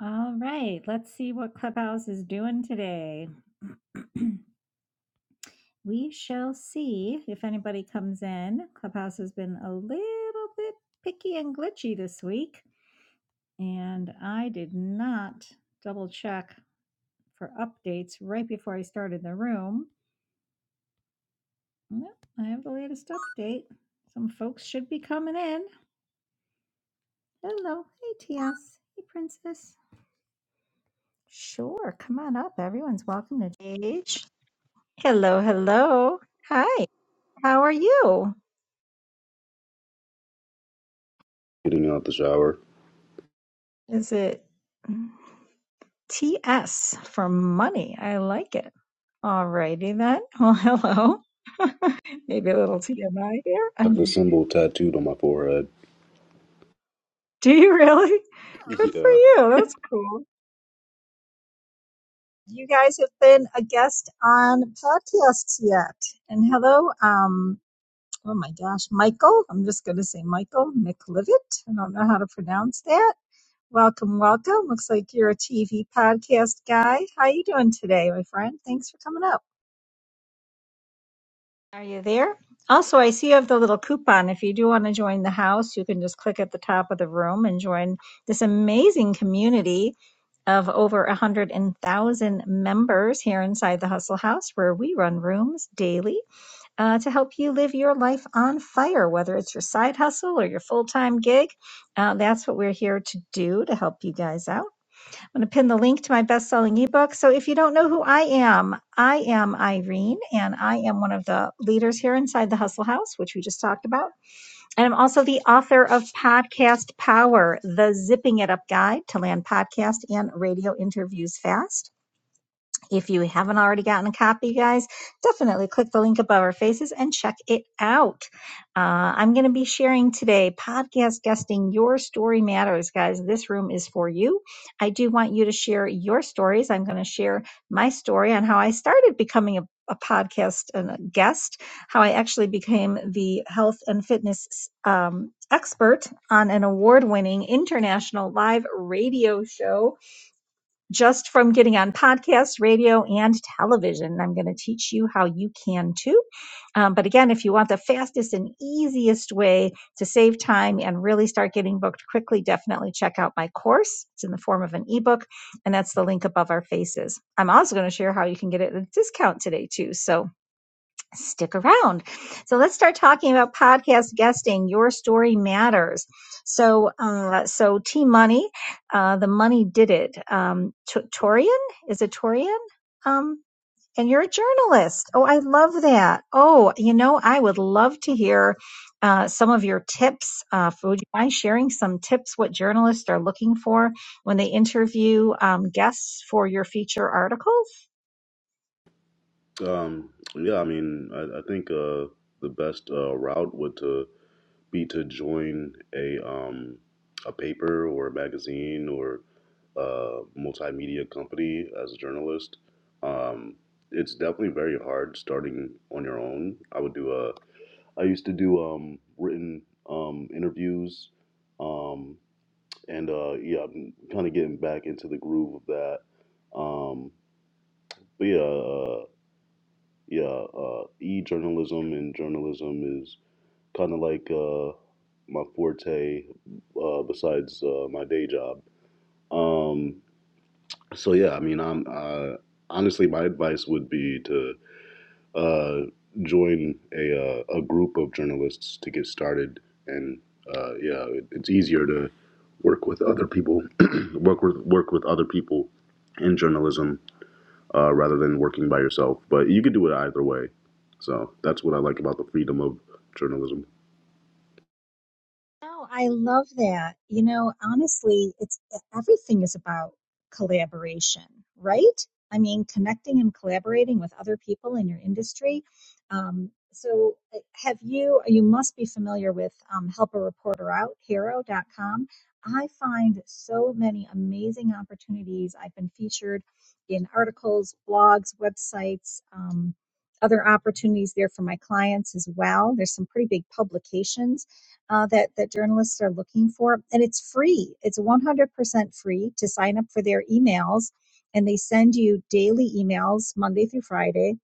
All right, let's see what Clubhouse is doing today. we shall see if anybody comes in. Clubhouse has been a little bit picky and glitchy this week, and I did not double check for updates right before I started the room. Yep, I have the latest update. Some folks should be coming in. Hello, hey TS, hey Princess. Sure, come on up. Everyone's welcome to the stage. Hello, hello. Hi. How are you? getting out the shower. Is it TS for money? I like it. Alrighty then. Well, hello. Maybe a little TMI here. I have the symbol tattooed on my forehead. Do you really? Good for Yeah. you. That's cool. You guys have been a guest on podcasts yet. And hello, um, oh my gosh, Michael. I'm just going to say Michael McLivitt. I don't know how to pronounce that. Welcome, welcome. Looks like you're a TV podcast guy. How you doing today, my friend? Thanks for coming up. Are you there? Also, I see you have the little coupon. If you do want to join the house, you can just click at the top of the room and join this amazing community of over a hundred and thousand members here inside the Hustle House, where we run rooms daily uh, to help you live your life on fire, whether it's your side hustle or your full time gig. Uh, that's what we're here to do to help you guys out. I'm going to pin the link to my best selling ebook. So if you don't know who I am, I am Irene, and I am one of the leaders here inside the Hustle House, which we just talked about. And I'm also the author of Podcast Power, the Zipping It Up Guide to Land Podcast and Radio Interviews Fast. If you haven't already gotten a copy, guys, definitely click the link above our faces and check it out. Uh, I'm going to be sharing today podcast guesting Your Story Matters, guys. This room is for you. I do want you to share your stories. I'm going to share my story on how I started becoming a a podcast and a guest, how I actually became the health and fitness um, expert on an award winning international live radio show just from getting on podcasts, radio, and television. I'm going to teach you how you can too. Um, but again, if you want the fastest and easiest way to save time and really start getting booked quickly, definitely check out my course. It's in the form of an ebook, and that's the link above our faces. I'm also going to share how you can get it at a discount today too. So stick around. So let's start talking about podcast guesting. Your story matters. So, uh, so T Money, uh, the money did it. Um, T- Torian is it Torian? Um, and you're a journalist. Oh, I love that. Oh, you know, I would love to hear uh, some of your tips. Uh, would you mind sharing some tips what journalists are looking for when they interview um, guests for your feature articles? Um. Yeah. I mean, I, I think uh, the best uh, route would to be to join a um, a paper or a magazine or a multimedia company as a journalist. Um, it's definitely very hard starting on your own. I would do a. I used to do um, written um, interviews. Um, and uh, yeah, I'm kind of getting back into the groove of that. Um, but yeah, uh, yeah, uh, e journalism and journalism is kind of like uh, my forte, uh, besides uh, my day job. Um, so yeah, I mean, I'm uh, honestly, my advice would be to uh, join a uh, a group of journalists to get started, and uh, yeah, it, it's easier to work with other people, work with work with other people in journalism uh, rather than working by yourself. But you could do it either way. So that's what I like about the freedom of journalism. Oh, I love that. You know, honestly, it's e, everything is about collaboration, right? I mean, connecting and collaborating with other people in your industry. Um, so, uh, have you, you must be familiar with um, Help a Reporter Out, Hero. dot com. I find so many amazing opportunities. I've been featured in articles, blogs, websites, um, other opportunities there for my clients as well. There's some pretty big publications uh, that that journalists are looking for, and it's free. It's 100% free to sign up for their emails, and they send you daily emails Monday through Friday,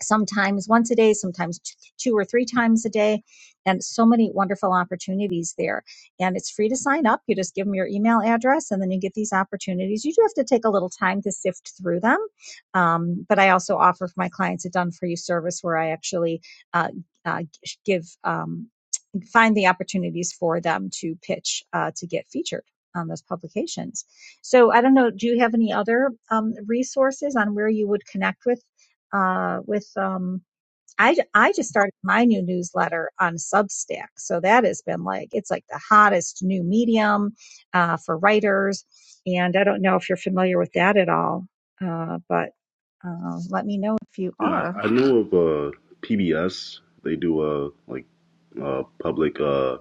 sometimes once a day, sometimes t- two or three times a day, and so many wonderful opportunities there. And it's free to sign up. You just give them your email address, and then you get these opportunities. You do have to take a little time to sift through them, um, but I also offer for my clients a done for you service where I actually uh, uh, give. Um, find the opportunities for them to pitch uh, to get featured on those publications. So I don't know. Do you have any other um, resources on where you would connect with uh, with um, I, I just started my new newsletter on Substack. So that has been like, it's like the hottest new medium uh, for writers. And I don't know if you're familiar with that at all, uh, but uh, let me know if you You know, are. I, I know of uh, PBS. They do a like uh, public. Uh,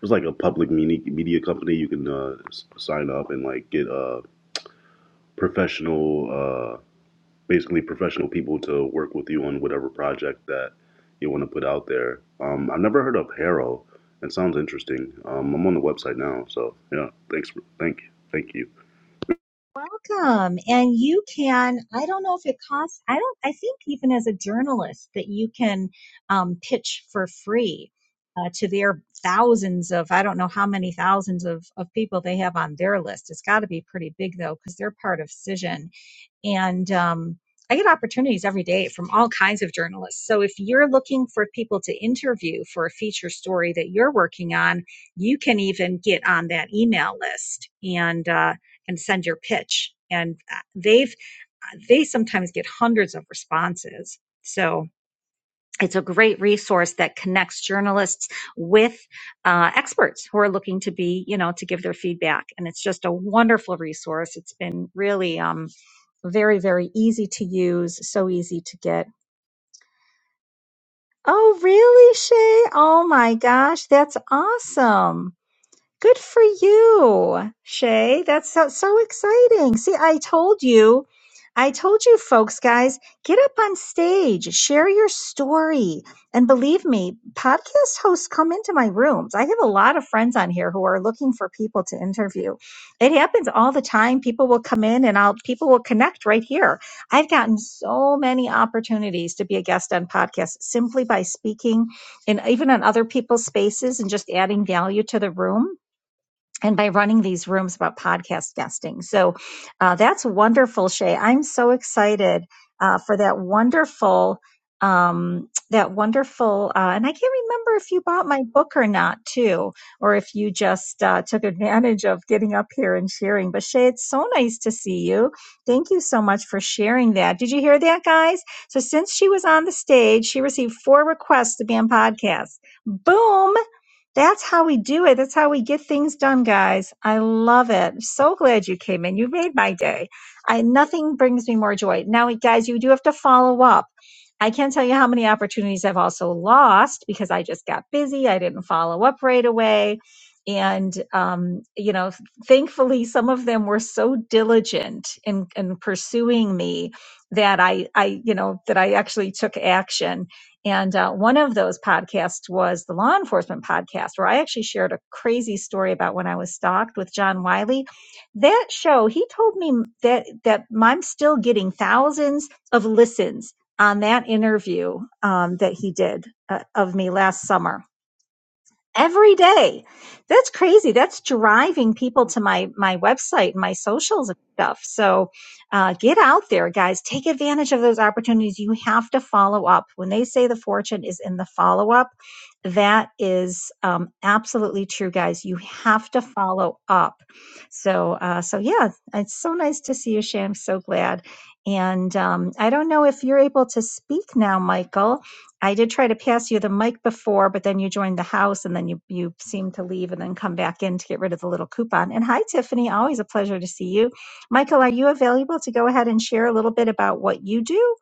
it's like a public media media company. You can uh, s- sign up and like get uh, professional. uh, basically professional people to work with you on whatever project that you want to put out there. Um, I've never heard of Harrow. It sounds interesting. Um, I'm on the website now, so yeah. Thanks. For, thank you. Thank you. Welcome. And you can, I don't know if it costs, I don't, I think even as a journalist that you can um, pitch for free uh, to their thousands of, I don't know how many thousands of, of people they have on their list. It's got to be pretty big though, because they're part of Cision and um, I get opportunities every day from all kinds of journalists. So if you're looking for people to interview for a feature story that you're working on, you can even get on that email list and uh, and send your pitch. And uh, they've they sometimes get hundreds of responses. So it's a great resource that connects journalists with uh, experts who are looking to be, you know, to give their feedback. And it's just a wonderful resource. It's been really um, very, very easy to use, so easy to get. Oh, really, Shay? Oh my gosh, that's awesome. Good for you, Shay. That's so, so exciting. See, I told you. I told you, folks, guys, get up on stage, share your story. And believe me, podcast hosts come into my rooms. I have a lot of friends on here who are looking for people to interview. It happens all the time. People will come in and I'll, people will connect right here. I've gotten so many opportunities to be a guest on podcasts simply by speaking and even on other people's spaces and just adding value to the room and by running these rooms about podcast guesting. So uh, that's wonderful, Shay. I'm so excited uh, for that wonderful, um, that wonderful. Uh, and I can't remember if you bought my book or not, too, or if you just uh, took advantage of getting up here and sharing. But Shay, it's so nice to see you. Thank you so much for sharing that. Did you hear that, guys? So since she was on the stage, she received four requests to be on podcasts. Boom! That's how we do it. That's how we get things done, guys. I love it. So glad you came in. You made my day. I nothing brings me more joy. Now, guys, you do have to follow up. I can't tell you how many opportunities I've also lost because I just got busy. I didn't follow up right away. And, um, you know, thankfully, some of them were so diligent in, in pursuing me that I, I, you know, that I actually took action and uh, one of those podcasts was the law enforcement podcast, where I actually shared a crazy story about when I was stalked with John Wiley. That show, he told me that that I'm still getting thousands of listens on that interview um, that he did uh, of me last summer every day. That's crazy. That's driving people to my my website, and my socials and stuff. So uh, get out there, guys. Take advantage of those opportunities. You have to follow up. When they say the fortune is in the follow up, that is um, absolutely true, guys. You have to follow up. So uh, so yeah, it's so nice to see you, Shan. I'm so glad. And um, I don't know if you're able to speak now, Michael. I did try to pass you the mic before, but then you joined the house and then you, you seemed to leave and then come back in to get rid of the little coupon. And hi, Tiffany. Always a pleasure to see you. Michael, are you available to go ahead and share a little bit about what you do?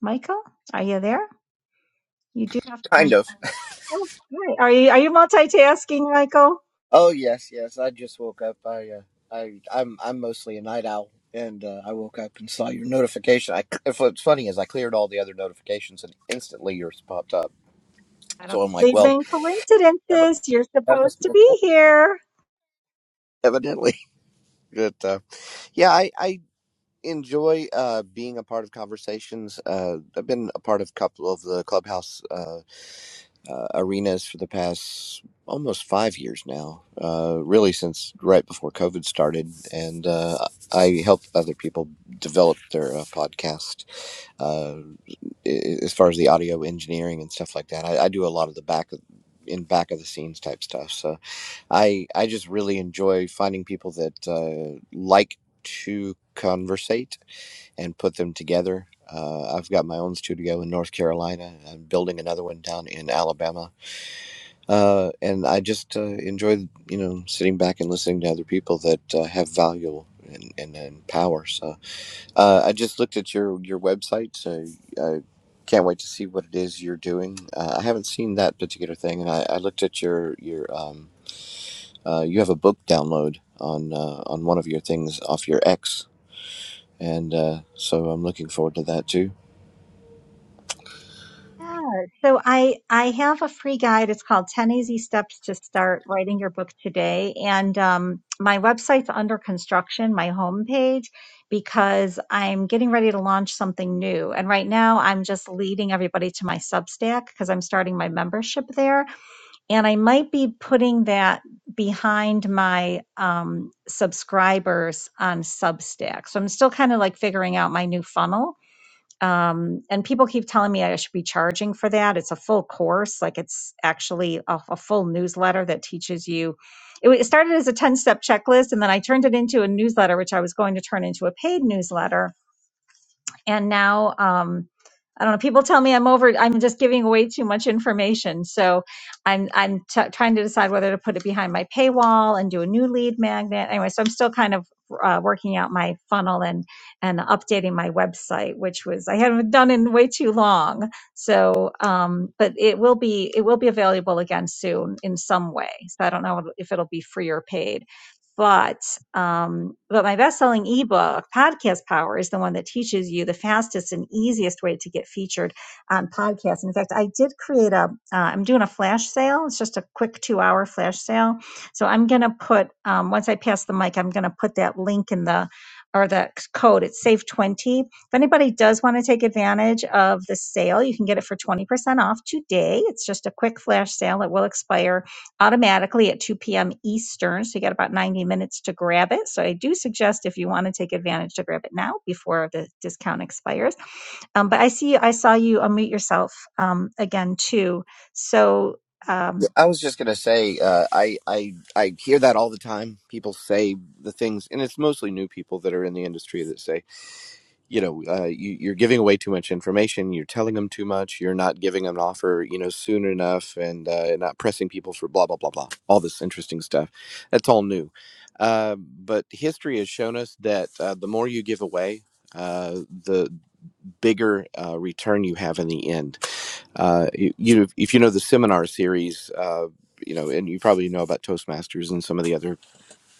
Michael, are you there? You do have Kind fun. of. Oh, hi. Are you, are you multitasking, Michael? Oh yes, yes. I just woke up. I uh, I I'm I'm mostly a night owl, and uh, I woke up and saw your notification. I if what's funny is I cleared all the other notifications, and instantly yours popped up. I don't So I'm like, believe well, in that must, coincidences. You're that must supposed be to be important, here. evidently. But uh, yeah, I I enjoy uh, being a part of conversations. Uh, I've been a part of a couple of the clubhouse. Uh, uh, arenas for the past almost five years now, uh, really since right before COVID started. And uh, I help other people develop their uh, podcast uh, as far as the audio engineering and stuff like that. I, I do a lot of the back of in back of the scenes type stuff. So I I just really enjoy finding people that uh, like to conversate and put them together. Uh, I've got my own studio in North Carolina. I'm building another one down in Alabama uh, and I just uh, enjoy, you know, sitting back and listening to other people that uh, have value and, and, and power. So uh, I just looked at your your website. So I can't wait to see what it is you're doing. Uh, I haven't seen that particular thing, and I, I looked at your your um, uh, you have a book download on uh, on one of your things off your X, and uh, so I'm looking forward to that too. Yeah. So I I have a free guide. It's called 10 Easy Steps to Start Writing Your Book Today. And um, my website's under construction, my homepage, because I'm getting ready to launch something new. And right now I'm just leading everybody to my Substack because I'm starting my membership there. And I might be putting that behind my um, subscribers on Substack. So I'm still kind of like figuring out my new funnel um, and people keep telling me I should be charging for that. It's a full course, like it's actually a, a full newsletter that teaches you. It, it started as a ten step checklist, and then I turned it into a newsletter, which I was going to turn into a paid newsletter and now um I don't know. People tell me I'm over. I'm just giving away too much information, so I'm I'm t- trying to decide whether to put it behind my paywall and do a new lead magnet. Anyway, so I'm still kind of uh, working out my funnel and and updating my website, which was I haven't done in way too long. So, um, but it will be it will be available again soon in some way. So I don't know if it'll be free or paid but um, but my best-selling ebook podcast power is the one that teaches you the fastest and easiest way to get featured on podcasts and in fact i did create a uh, i'm doing a flash sale it's just a quick two-hour flash sale so i'm going to put um, once i pass the mic i'm going to put that link in the or the code it's save 20 if anybody does want to take advantage of the sale you can get it for 20% off today it's just a quick flash sale it will expire automatically at 2 p.m. Eastern. So you got about 90 minutes to grab it. So I do suggest if you want to take advantage to grab it now before the discount expires. Um, but I see, I saw you unmute yourself um, again too. So um, I was just gonna say, uh, I I I hear that all the time. People say the things, and it's mostly new people that are in the industry that say, you know, uh, you, you're giving away too much information. You're telling them too much. You're not giving them an offer, you know, soon enough, and uh, not pressing people for blah blah blah blah. All this interesting stuff. That's all new. Uh, but history has shown us that uh, the more you give away. Uh, the bigger uh, return you have in the end. Uh, you, you, if you know the seminar series, uh, you know, and you probably know about Toastmasters and some of the other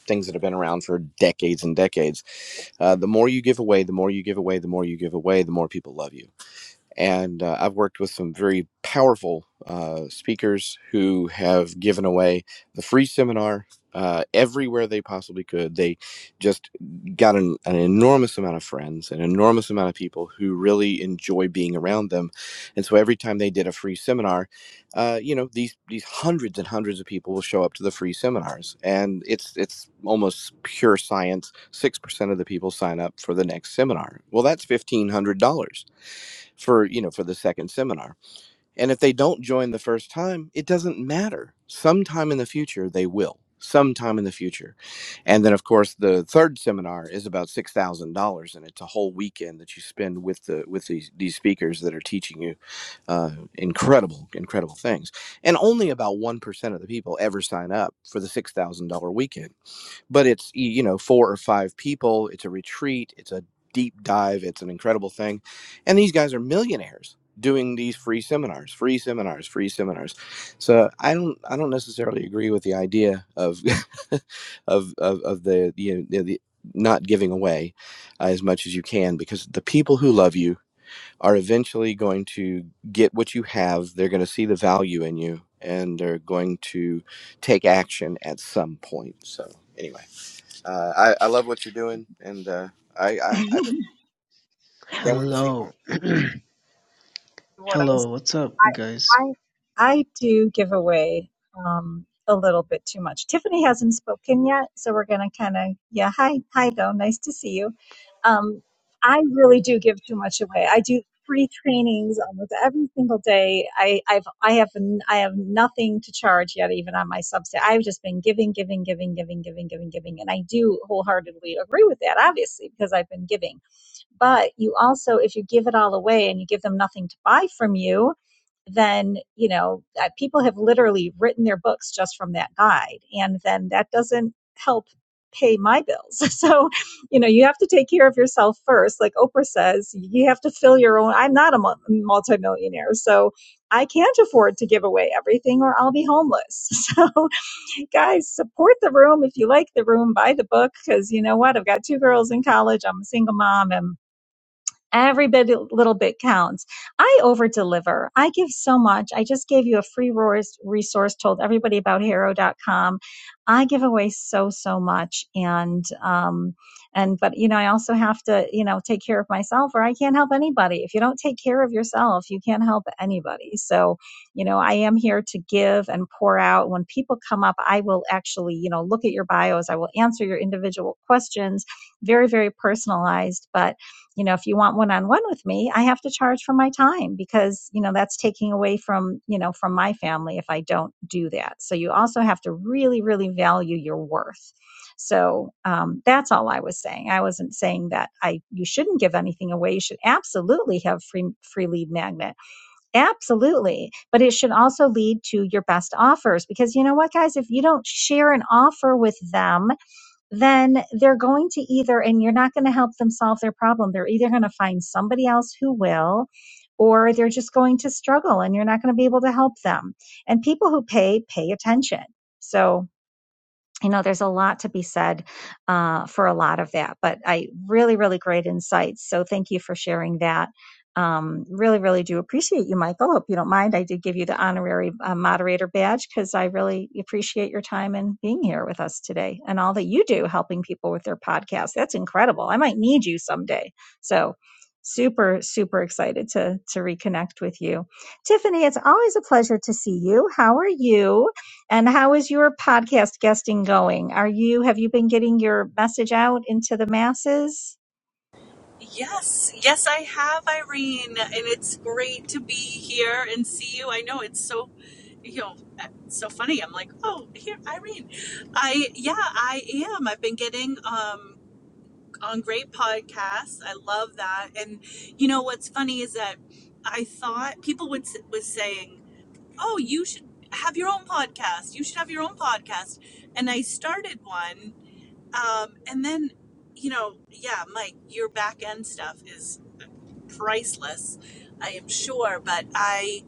things that have been around for decades and decades. Uh, the more you give away, the more you give away, the more you give away, the more people love you and uh, I've worked with some very powerful uh, speakers who have given away the free seminar uh, everywhere they possibly could. They just got an, an enormous amount of friends, an enormous amount of people who really enjoy being around them. And so every time they did a free seminar, uh, you know, these these hundreds and hundreds of people will show up to the free seminars, and it's it's almost pure science. Six percent of the people sign up for the next seminar. Well, that's fifteen hundred dollars for you know for the second seminar and if they don't join the first time it doesn't matter sometime in the future they will sometime in the future and then of course the third seminar is about $6000 and it's a whole weekend that you spend with the with these, these speakers that are teaching you uh, incredible incredible things and only about 1% of the people ever sign up for the $6000 weekend but it's you know four or five people it's a retreat it's a deep dive it's an incredible thing and these guys are millionaires doing these free seminars free seminars free seminars so i don't i don't necessarily agree with the idea of of of, of the you know the, the not giving away uh, as much as you can because the people who love you are eventually going to get what you have they're going to see the value in you and they're going to take action at some point so anyway uh, I I love what you're doing, and uh, I, I I can't wait to see more. Hello, What? I hello, what's up, I guys? I do give away um, a little bit too much. Tiffany hasn't spoken yet, so we're gonna kind of yeah. Hi, hi, though. Nice to see you. Um, I really do give too much away. I do free trainings almost every single day. I I've I have n- I have nothing to charge yet, even on my Substack. I've just been giving, giving, giving, giving, giving, giving, giving, and I do wholeheartedly agree with that, obviously, because I've been giving. But you also, if you give it all away and you give them nothing to buy from you, then you know uh, people have literally written their books just from that guide, and then that doesn't help pay my bills. So, you know, you have to take care of yourself first. Like Oprah says, you have to fill your own. I'm not a mul- multimillionaire, so I can't afford to give away everything or I'll be homeless. So, guys, support the room. If you like the room, buy the book because you know what? I've got two girls in college. I'm a single mom and Every bit, little bit counts. I over deliver. I give so much. I just gave you a free resource, told everybody about Haro dot com. I give away so, so much. And, um, and, but, you know, I also have to, you know, take care of myself or I can't help anybody. If you don't take care of yourself, you can't help anybody. So, you know, I am here to give and pour out. When people come up, I will actually, you know, look at your bios. I will answer your individual questions. Very, very personalized. But, you know if you want one-on-one with me i have to charge for my time because you know that's taking away from you know from my family if i don't do that so you also have to really really value your worth so um, that's all i was saying i wasn't saying that i you shouldn't give anything away you should absolutely have free free lead magnet absolutely but it should also lead to your best offers because you know what guys if you don't share an offer with them then they're going to either, and you're not going to help them solve their problem. They're either going to find somebody else who will, or they're just going to struggle and you're not going to be able to help them. And people who pay, pay attention. So, you know, there's a lot to be said uh, for a lot of that, but I really, really great insights. So thank you for sharing that. Um, really, really do appreciate you, Michael. Hope you don't mind. I did give you the honorary uh, moderator badge because I really appreciate your time and being here with us today and all that you do helping people with their podcast. That's incredible. I might need you someday. So super, super excited to, to reconnect with you. Tiffany, it's always a pleasure to see you. How are you? And how is your podcast guesting going? Are you have you been getting your message out into the masses? Yes, yes, I have, Irene, and it's great to be here and see you. I know it's so, you know, it's so funny. I'm like, oh, here, Irene. I yeah, I am. I've been getting um on great podcasts. I love that. And you know what's funny is that I thought people would s- was saying, oh, you should have your own podcast. You should have your own podcast. And I started one um, and then, you know, yeah, Mike, your back end stuff is priceless, I am sure. But I,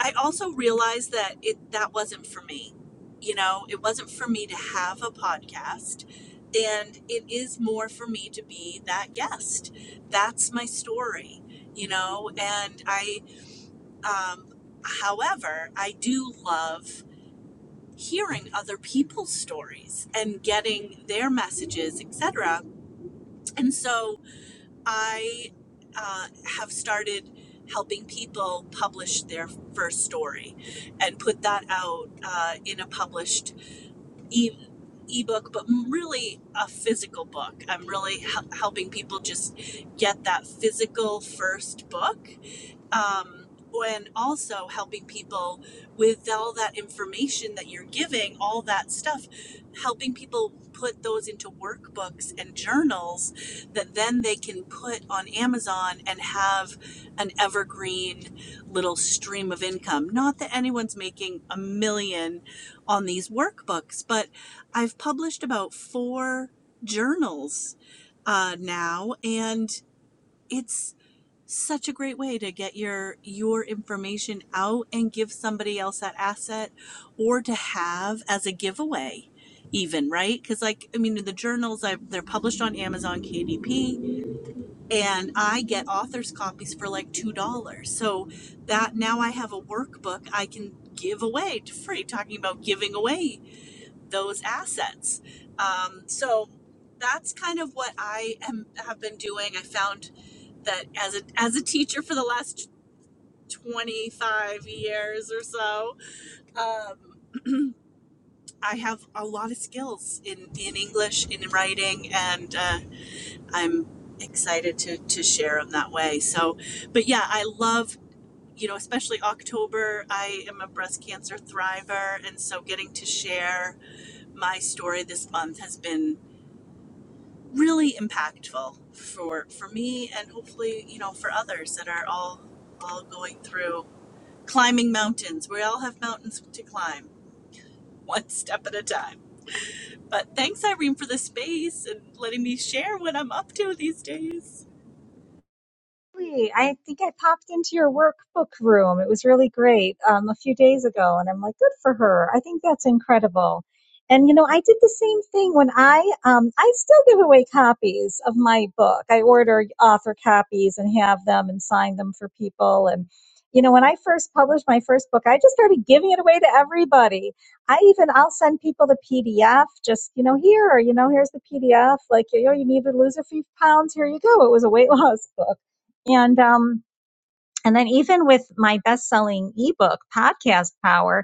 I also realized that it that wasn't for me. You know, it wasn't for me to have a podcast, and it is more for me to be that guest. That's my story. You know, and I, um, however, I do love hearing other people's stories and getting their messages, etc and so I uh, have started helping people publish their first story and put that out uh, in a published e- ebook, but really a physical book. I'm really hel- helping people just get that physical first book um, and also helping people with all that information that you're giving, all that stuff, helping people put those into workbooks and journals that then they can put on Amazon and have an evergreen little stream of income. Not that anyone's making a million on these workbooks, but I've published about four journals uh, now, and it's such a great way to get your your information out and give somebody else that asset or to have as a giveaway even right because like i mean the journals i they're published on amazon kdp and i get authors copies for like two dollars so that now i have a workbook i can give away to free talking about giving away those assets um, so that's kind of what i am have been doing i found that as a as a teacher for the last 25 years or so. Um, I have a lot of skills in, in English, in writing, and uh, I'm excited to, to share them that way. So, but yeah, I love, you know, especially October. I am a breast cancer thriver. And so getting to share my story this month has been really impactful for for me and hopefully you know for others that are all all going through climbing mountains we all have mountains to climb one step at a time. But thanks, Irene, for the space and letting me share what I'm up to these days. Really? I think I popped into your workbook room. It was really great um, a few days ago, and I'm like, good for her. I think that's incredible. And you know, I did the same thing when I um, I still give away copies of my book. I order author copies and have them and sign them for people. And you know, when I first published my first book, I just started giving it away to everybody. I even I'll send people the PDF. Just you know, here, you know, here's the PDF. Like you know, you need to lose a few pounds. Here you go. It was a weight loss book and um and then even with my best-selling ebook podcast power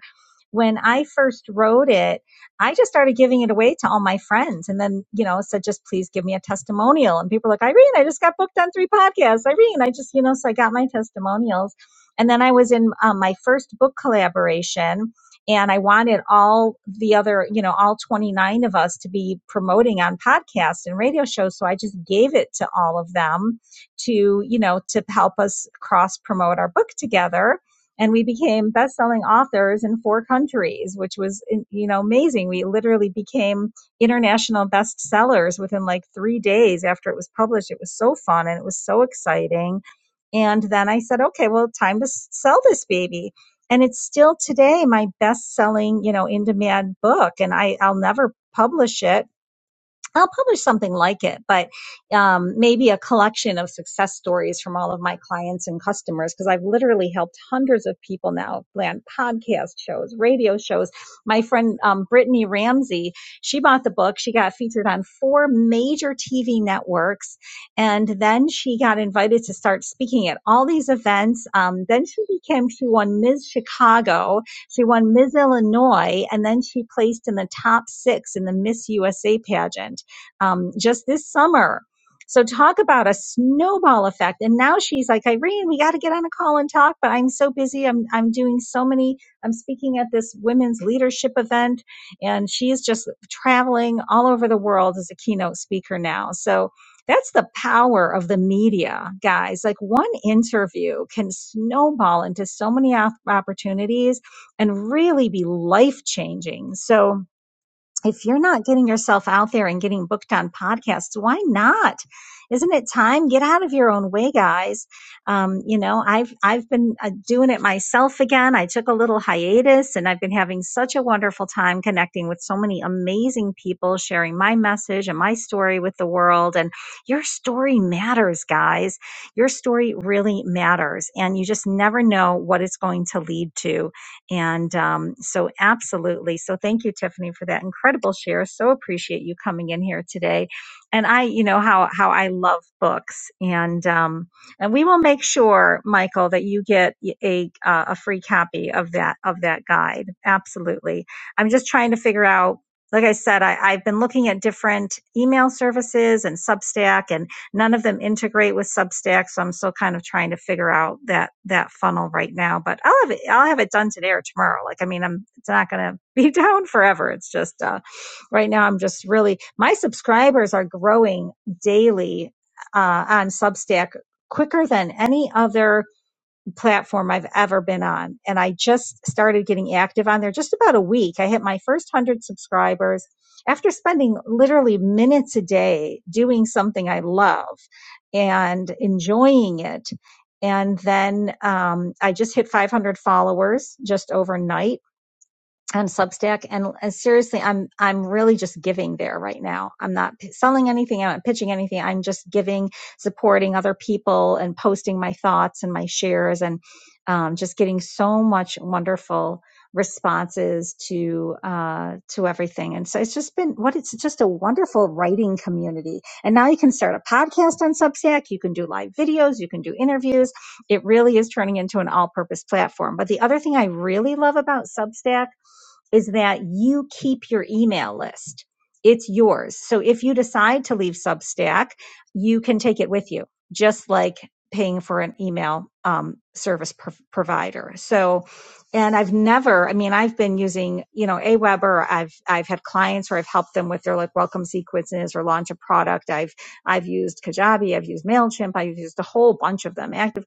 when i first wrote it i just started giving it away to all my friends and then you know said just please give me a testimonial and people are like irene i just got booked on three podcasts irene i just you know so i got my testimonials and then i was in um, my first book collaboration and i wanted all the other you know all 29 of us to be promoting on podcasts and radio shows so i just gave it to all of them to, you know, to help us cross promote our book together. And we became best-selling authors in four countries, which was, you know, amazing. We literally became international bestsellers within like three days after it was published. It was so fun and it was so exciting. And then I said, okay, well, time to sell this baby. And it's still today my best selling, you know, in demand book. And I, I'll never publish it I'll publish something like it, but um, maybe a collection of success stories from all of my clients and customers because I've literally helped hundreds of people now land podcast shows, radio shows. My friend um, Brittany Ramsey, she bought the book. She got featured on four major TV networks, and then she got invited to start speaking at all these events. Um, then she became she won Ms. Chicago, she won Ms. Illinois, and then she placed in the top six in the Miss USA pageant um, just this summer. So talk about a snowball effect. And now she's like, Irene, we got to get on a call and talk, but I'm so busy. I'm, I'm doing so many, I'm speaking at this women's leadership event and she is just traveling all over the world as a keynote speaker now. So that's the power of the media, guys. Like one interview can snowball into so many op- opportunities and really be life changing. So, if you're not getting yourself out there and getting booked on podcasts, why not? Isn't it time? Get out of your own way, guys. Um, you know, I've I've been uh, doing it myself again. I took a little hiatus, and I've been having such a wonderful time connecting with so many amazing people, sharing my message and my story with the world. And your story matters, guys. Your story really matters, and you just never know what it's going to lead to and um, so, absolutely. So, thank you, Tiffany, for that incredible share. So appreciate you coming in here today. And I, you know how how I love books, and um, and we will make sure, Michael, that you get a uh, a free copy of that of that guide. Absolutely. I'm just trying to figure out. Like I said, I, I've been looking at different email services and Substack, and. None of them integrate with Substack, so I'm still kind of trying to figure out that that funnel right now. But I'll have it I'll have it done today or tomorrow. Like I mean, I'm it's not going to be down forever. It's just uh, right now I'm just really my subscribers are growing daily uh, on Substack quicker than any other platform I've ever been on. And I just started getting active on there just about a week. I hit my first 100 subscribers after spending literally minutes a day doing something I love and enjoying it. And then um, I just hit 500 followers just overnight on Substack. And uh, seriously, I'm I'm really just giving there right now. I'm not p- selling anything. I'm not pitching anything. I'm just giving, supporting other people, and posting my thoughts and my shares, and um, just getting so much wonderful responses to uh to everything and so it's just been what it's just a wonderful writing community and now you can start a podcast on substack you can do live videos you can do interviews it really is turning into an all-purpose platform but the other thing i really love about substack is that you keep your email list. It's yours. So if you decide to leave Substack, you can take it with you, just like paying for an email um, service pro- provider. So, and I've never, I mean, I've been using, you know, Aweber. I've, I've had clients where I've helped them with their like welcome sequences or launch a product. I've, I've used Kajabi. I've used MailChimp. I've used a whole bunch of them, ActiveCampaign,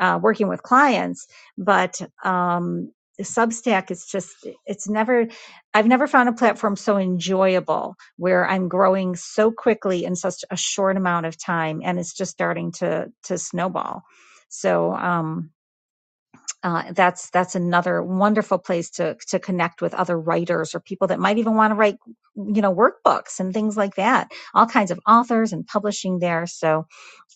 uh, working with clients. But, um, Substack is just, it's never, I've never found a platform so enjoyable where I'm growing so quickly in such a short amount of time and it's just starting to, to snowball. So, um, uh, that's that's another wonderful place to to connect with other writers or people that might even want to write you know workbooks and things like that all kinds of authors and publishing there so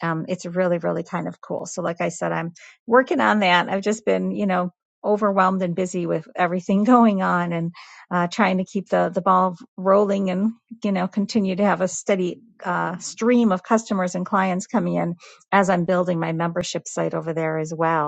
um, it's really really kind of cool so like i said i'm working on that i've just been you know overwhelmed and busy with everything going on and uh, trying to keep the the ball rolling and you know continue to have a steady uh, stream of customers and clients coming in as i'm building my membership site over there as well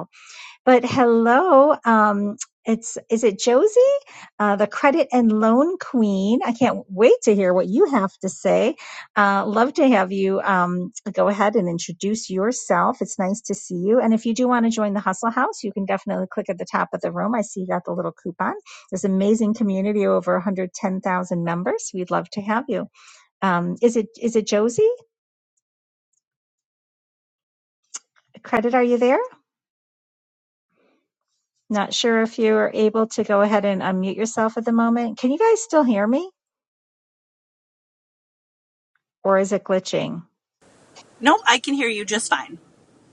but hello, um, it's is it Josie, uh, the credit and loan queen? I can't wait to hear what you have to say. Uh, love to have you um, go ahead and introduce yourself. It's nice to see you. And if you do want to join the Hustle House, you can definitely click at the top of the room. I see you got the little coupon. This amazing community, over 110,000 members. We'd love to have you. Um, is it is it Josie? Credit, are you there? Not sure if you are able to go ahead and unmute yourself at the moment. Can you guys still hear me or is it glitching? No, I can hear you just fine.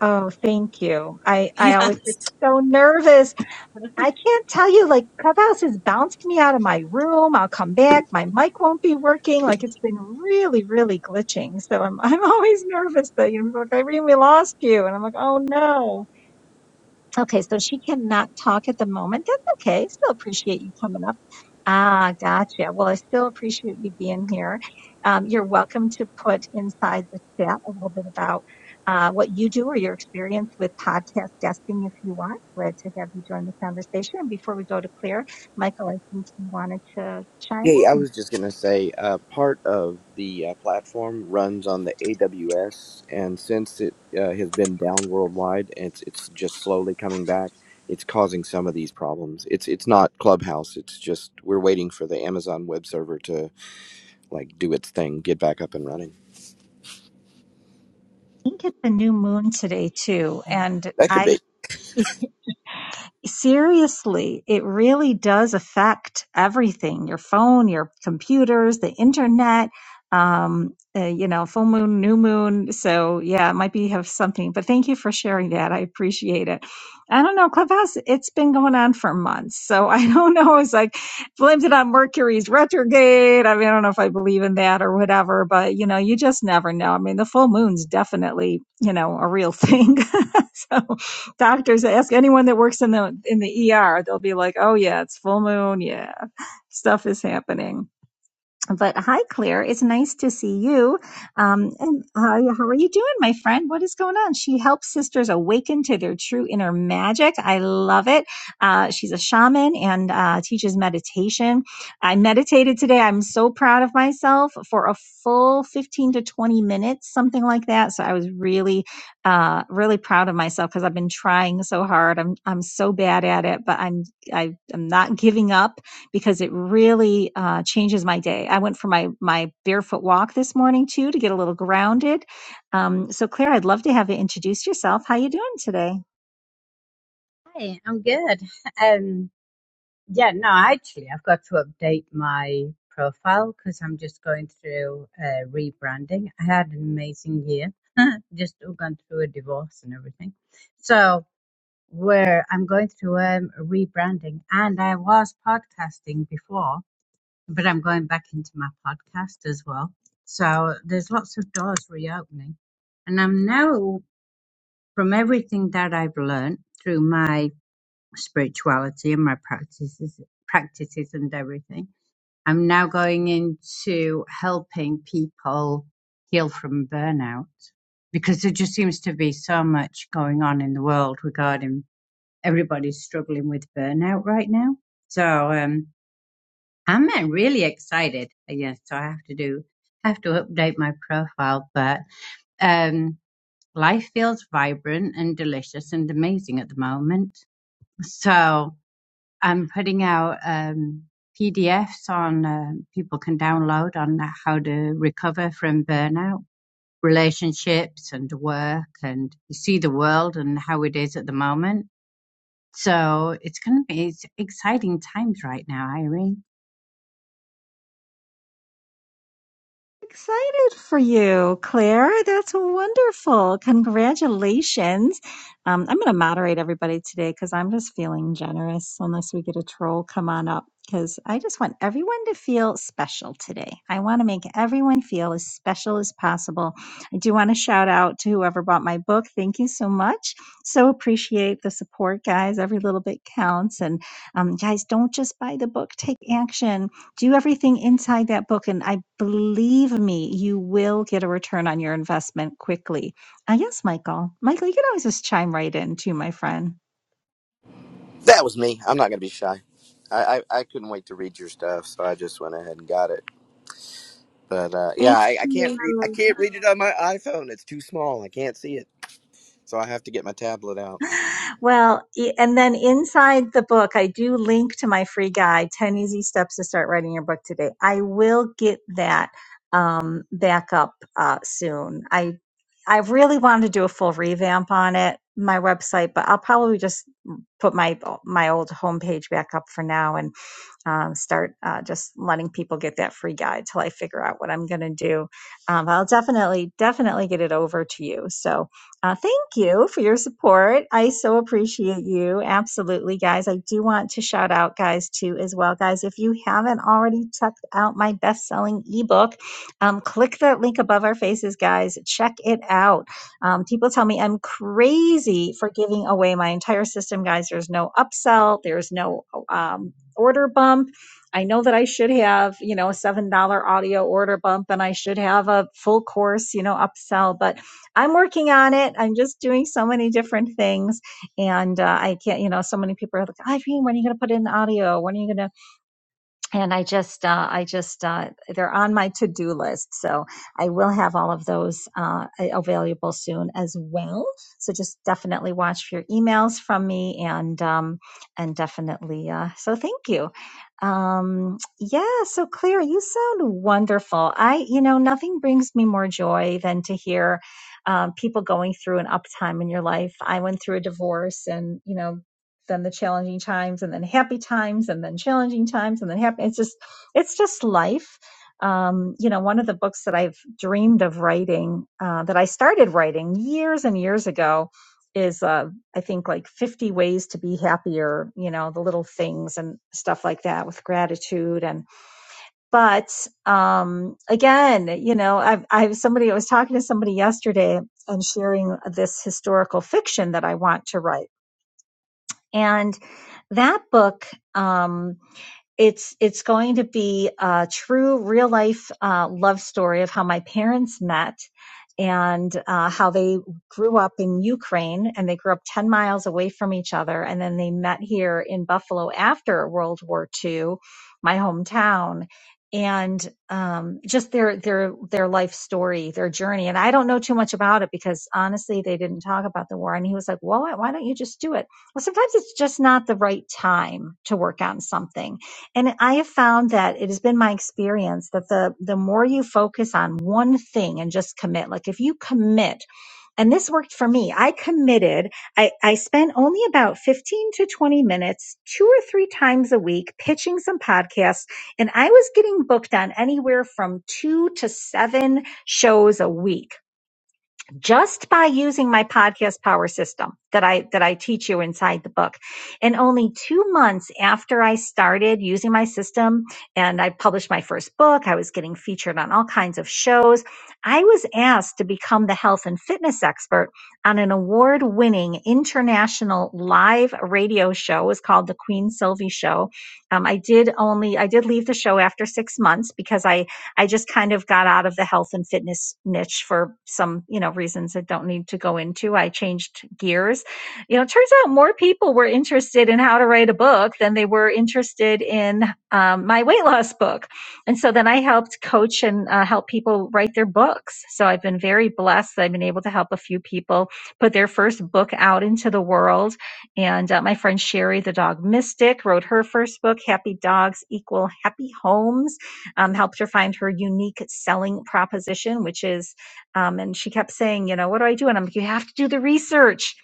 Oh, thank you. I, I Yeah. always get so nervous. I can't tell you, like, Clubhouse is bouncing me out of my room. I'll come back. My mic won't be working. Like, it's been really, really glitching. So I'm, I'm always nervous that, you know, people are like, Irene, we lost you. And I'm like, oh no. Okay, so she cannot talk at the moment. That's okay. Still appreciate you coming up. Ah, gotcha. Well, I still appreciate you being here. Um, you're welcome to put inside the chat a little bit about uh, what you do or your experience with podcast guesting if you want. Glad to have you join the conversation. And before we go to Claire, Michael, I think you wanted to chime Yeah, I in. was just gonna say, uh, part of the uh, platform runs on the AWS, and since it uh, has been down worldwide, it's it's just slowly coming back. It's causing some of these problems. It's it's not Clubhouse. It's just we're waiting for the Amazon web server to like do its thing, get back up and running. I think it's a new moon today too, and That could I be. seriously, it really does affect everything your phone, your computers, the internet, um, uh, you know, full moon, new moon. So, yeah, it might be have something, but thank you for sharing that. I appreciate it. I don't know, Clubhouse, it's been going on for months. So, I don't know. It's like blamed it on Mercury's retrograde. I mean, I don't know if I believe in that or whatever, but you know, you just never know. I mean, the full moon's definitely, you know, a real thing. so, Doctors ask anyone that works in the in the ER, they'll be like, "Oh yeah, it's full moon. Yeah, stuff is happening." But hi, Claire. It's nice to see you. Um, and how, how are you doing, my friend? What is going on? She helps sisters awaken to their true inner magic. I love it. Uh, she's a shaman and uh, teaches meditation. I meditated today. I'm so proud of myself for a full 15 to 20 minutes, something like that. So I was really, uh, really proud of myself because I've been trying so hard. I'm I'm so bad at it, but I'm I, I'm not giving up because it really uh, changes my day. I went for my my barefoot walk this morning too to get a little grounded. Um, so, Claire, I'd love to have you introduce yourself. How you doing today? Hi, I'm good. Um, yeah, no, actually, I've got to update my profile because I'm just going through uh, rebranding. I had an amazing year, just gone through a divorce and everything. So, where I'm going through um, rebranding, and I was podcasting before, but I'm going back into my podcast as well. So, there's lots of doors reopening, and I'm now from everything that I've learned through my spirituality and my practices practices and everything. I'm now going into helping people heal from burnout because there just seems to be so much going on in the world regarding everybody's struggling with burnout right now. So um, I'm uh, really excited. Yes, so I have to do have to update my profile, but um, life feels vibrant and delicious and amazing at the moment. So I'm putting out um, PDFs on uh, people can download on how to recover from burnout, relationships, and work, and you see the world and how it is at the moment. So it's going to be it's exciting times right now, Irene. Excited for you, Claire. That's wonderful. Congratulations. Um, I'm going to moderate everybody today because I'm just feeling generous. Unless we get a troll, come on up because I just want everyone to feel special today. I want to make everyone feel as special as possible. I do want to shout out to whoever bought my book. Thank you so much. So appreciate the support, guys. Every little bit counts. And um, guys, don't just buy the book, take action do everything inside that book and i believe me you will get a return on your investment quickly uh, yes michael michael you can always just chime right in too my friend That was me. I'm not gonna be shy. I, I, I couldn't wait to read your stuff, so I just went ahead and got it. But uh, Thank yeah, I, I can't read. I you. can't read it on my iPhone. It's too small. I can't see it, so I have to get my tablet out. Well, e- and then inside the book, I do link to my free guide, 10 Easy Steps to Start Writing Your Book Today. I will get that um, back up uh, soon. I I really wanted to do a full revamp on it, my website, but I'll probably just put my my old homepage back up for now and um, start uh, just letting people get that free guide till I figure out what I'm going to do. Um, but I'll definitely, definitely get it over to you. So uh, thank you for your support. I so appreciate you. Absolutely, guys. I do want to shout out, guys, too, as well. Guys, if you haven't already checked out my best selling ebook, um, click that link above our faces, guys. Check it out. Um, people tell me I'm crazy for giving away my entire system, guys. There's no upsell, there's no um, order bump. I know that I should have, you know, a $7 audio order bump and I should have a full course, you know, upsell, but I'm working on it. I'm just doing so many different things. And uh, I can't, you know, so many people are like, Irene, when are you going to put in the audio? When are you going to? and I just, uh, I just, uh, they're on my to-do list. So I will have all of those uh, available soon as well. So just definitely watch for your emails from me, and um, and definitely. Uh, so thank you. Um, yeah. So Claire, you sound wonderful. I, you know, nothing brings me more joy than to hear. Um, people going through an up time in your life. I went through a divorce, and you know then the challenging times and then happy times and then challenging times and then happy it's just it's just life um, you know one of the books that i've dreamed of writing uh, that i started writing years and years ago is uh, i think like 50 ways to be happier you know the little things and stuff like that with gratitude and but um, again you know i've i've somebody i was talking to somebody yesterday and sharing this historical fiction that i want to write and that book um, it's it's going to be a true real life uh, love story of how my parents met and uh, how they grew up in Ukraine and they grew up 10 miles away from each other and then they met here in Buffalo after World War II, my hometown and um, just their their their life story, their journey. And I don't know too much about it because honestly, they didn't talk about the war. And he was like, "Well, why don't you just do it?" Well, sometimes it's just not the right time to work on something and I have found that it has been my experience that the the more you focus on one thing and just commit, like if you commit, and this worked for me, I committed. I, I spent only about 15 to 20 minutes, two or three times a week, pitching some podcasts, and I was getting booked on anywhere from two to seven shows a week just by using my podcast power system that I that I teach you inside the book. And only 2 months after I started using my system and I published my first book, I was getting featured on all kinds of shows. I was asked to become the health and fitness expert on an award-winning international live radio show. It was called the Queen Sylvie Show. Um, I did only I did leave the show after 6 months because I I just kind of got out of the health and fitness niche for some, you know, reasons I don't need to go into. I changed gears. You know, it turns out more people were interested in how to write a book than they were interested in um, my weight loss book. And so then I helped coach and uh, help people write their books. So I've been very blessed that I've been able to help a few people put their first book out into the world. And uh, my friend Sherry, the dog mystic, wrote her first book, Happy Dogs Equal Happy Homes um, helped her find her unique selling proposition, which is, um, and she kept saying, you know, what do I do? And I'm like, you have to do the research.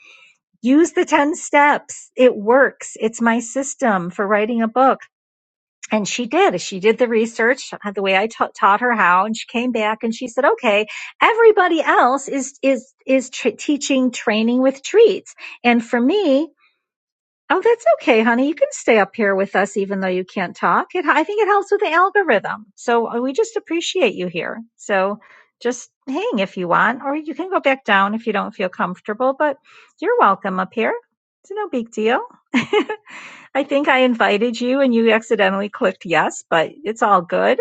Use the 10 steps. It works. It's my system for writing a book. And she did. She did the research uh, the way I ta- taught her how. And she came back and she said, okay, everybody else is, is, is tr teaching training with treats. And for me, Oh, that's okay, honey. You can stay up here with us even though you can't talk. It, I think it helps with the algorithm. So uh, we just appreciate you here. So just hang if you want, or you can go back down if you don't feel comfortable, but you're welcome up here. It's no big deal. I think I invited you and you accidentally clicked yes, but it's all good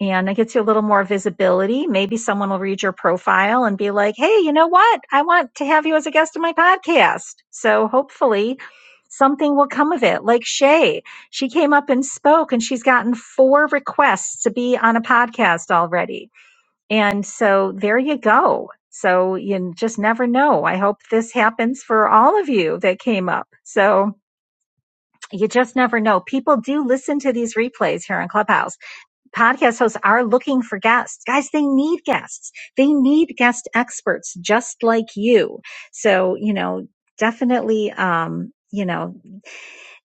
and it gets you a little more visibility. Maybe someone will read your profile and be like, hey, you know what? I want to have you as a guest on my podcast. So hopefully something will come of it. Like Shay, she came up and spoke and she's gotten four requests to be on a podcast already. And so there you go. So you just never know. I hope this happens for all of you that came up. So you just never know. People do listen to these replays here on Clubhouse podcast hosts are looking for guests. Guys, they need guests. They need guest experts just like you. So, you know, definitely, um, you know,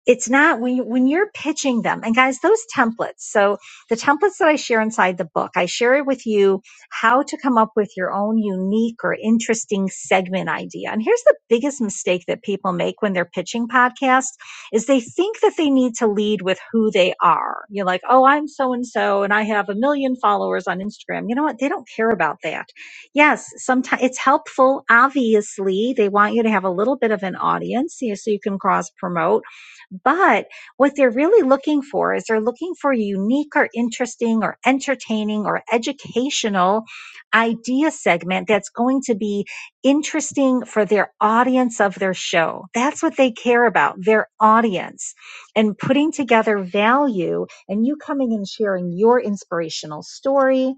it's not when you, when you're pitching them and guys those templates so the templates that i share inside the book i share it with you how to come up with your own unique or interesting segment idea and here's the biggest mistake that people make when they're pitching podcasts is they think that they need to lead with who they are you're like oh i'm so and so and i have a million followers on instagram you know what they don't care about that yes sometimes it's helpful obviously they want you to have a little bit of an audience you know, so you can cross promote but what they're really looking for is they're looking for unique or interesting or entertaining or educational idea segment that's going to be interesting for their audience of their show. That's what they care about, their audience and putting together value and you coming and sharing your inspirational story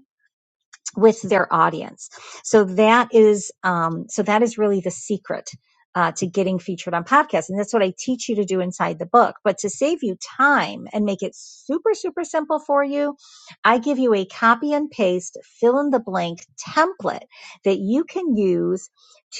with their audience. So that is um, so that is really the secret uh, to getting featured on podcasts, and that's what I teach you to do inside the book. But to save you time and make it super super simple for you, I give you a copy and paste fill in the blank template that you can use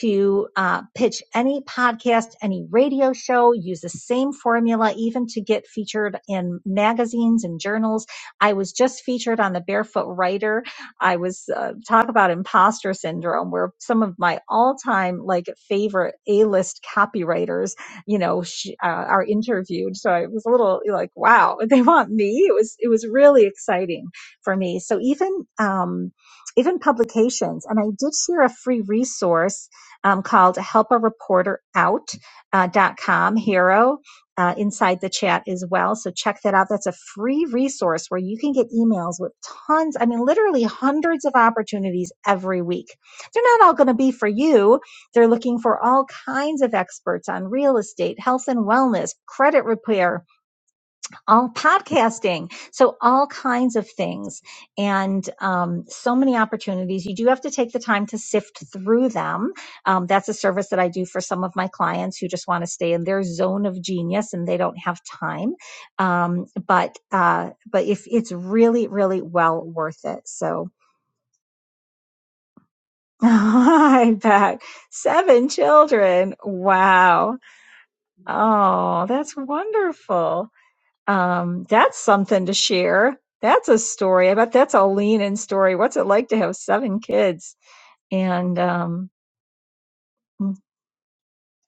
to uh, pitch any podcast, any radio show. Use the same formula even to get featured in magazines and journals. I was just featured on the Barefoot Writer I was uh, talk about imposter syndrome, where some of my all-time like favorite A-list copywriters, you know, sh- uh, are interviewed. So I was a little like, wow, they want me. It was it was really exciting for me. So even um, even publications, and I did share a free resource um, called "Help a Reporter Out." Uh, dot com hero uh, inside the chat as well. So check that out. That's a free resource where you can get emails with tons, I mean, literally hundreds of opportunities every week. They're not all going to be for you. They're looking for all kinds of experts on real estate, health and wellness, credit repair, all podcasting so all kinds of things and um, so many opportunities you do have to take the time to sift through them um, that's a service that i do for some of my clients who just want to stay in their zone of genius and they don't have time um, but uh, but if it's really really well worth it so I'm back. Seven children. Wow. Oh, that's wonderful. Um, that's something to share. That's a story. I bet that's a lean in story. What's it like to have seven kids? And um,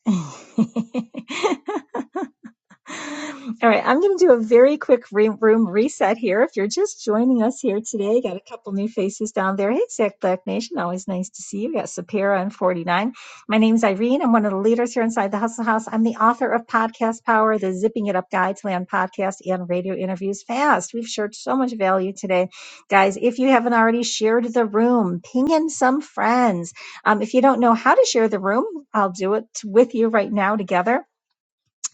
All right, I'm going to do a very quick re- room reset here. If you're just joining us here today, got a couple new faces down there. Hey, Zach Black Nation, always nice to see you. We got Sapira and 49. My name's Irene. I'm one of the leaders here inside the Hustle House. I'm the author of Podcast Power, the Zipping It Up Guide to Land podcast and radio interviews fast. We've shared so much value today. Guys, if you haven't already shared the room, ping in some friends. Um, if you don't know how to share the room, I'll do it with you right now together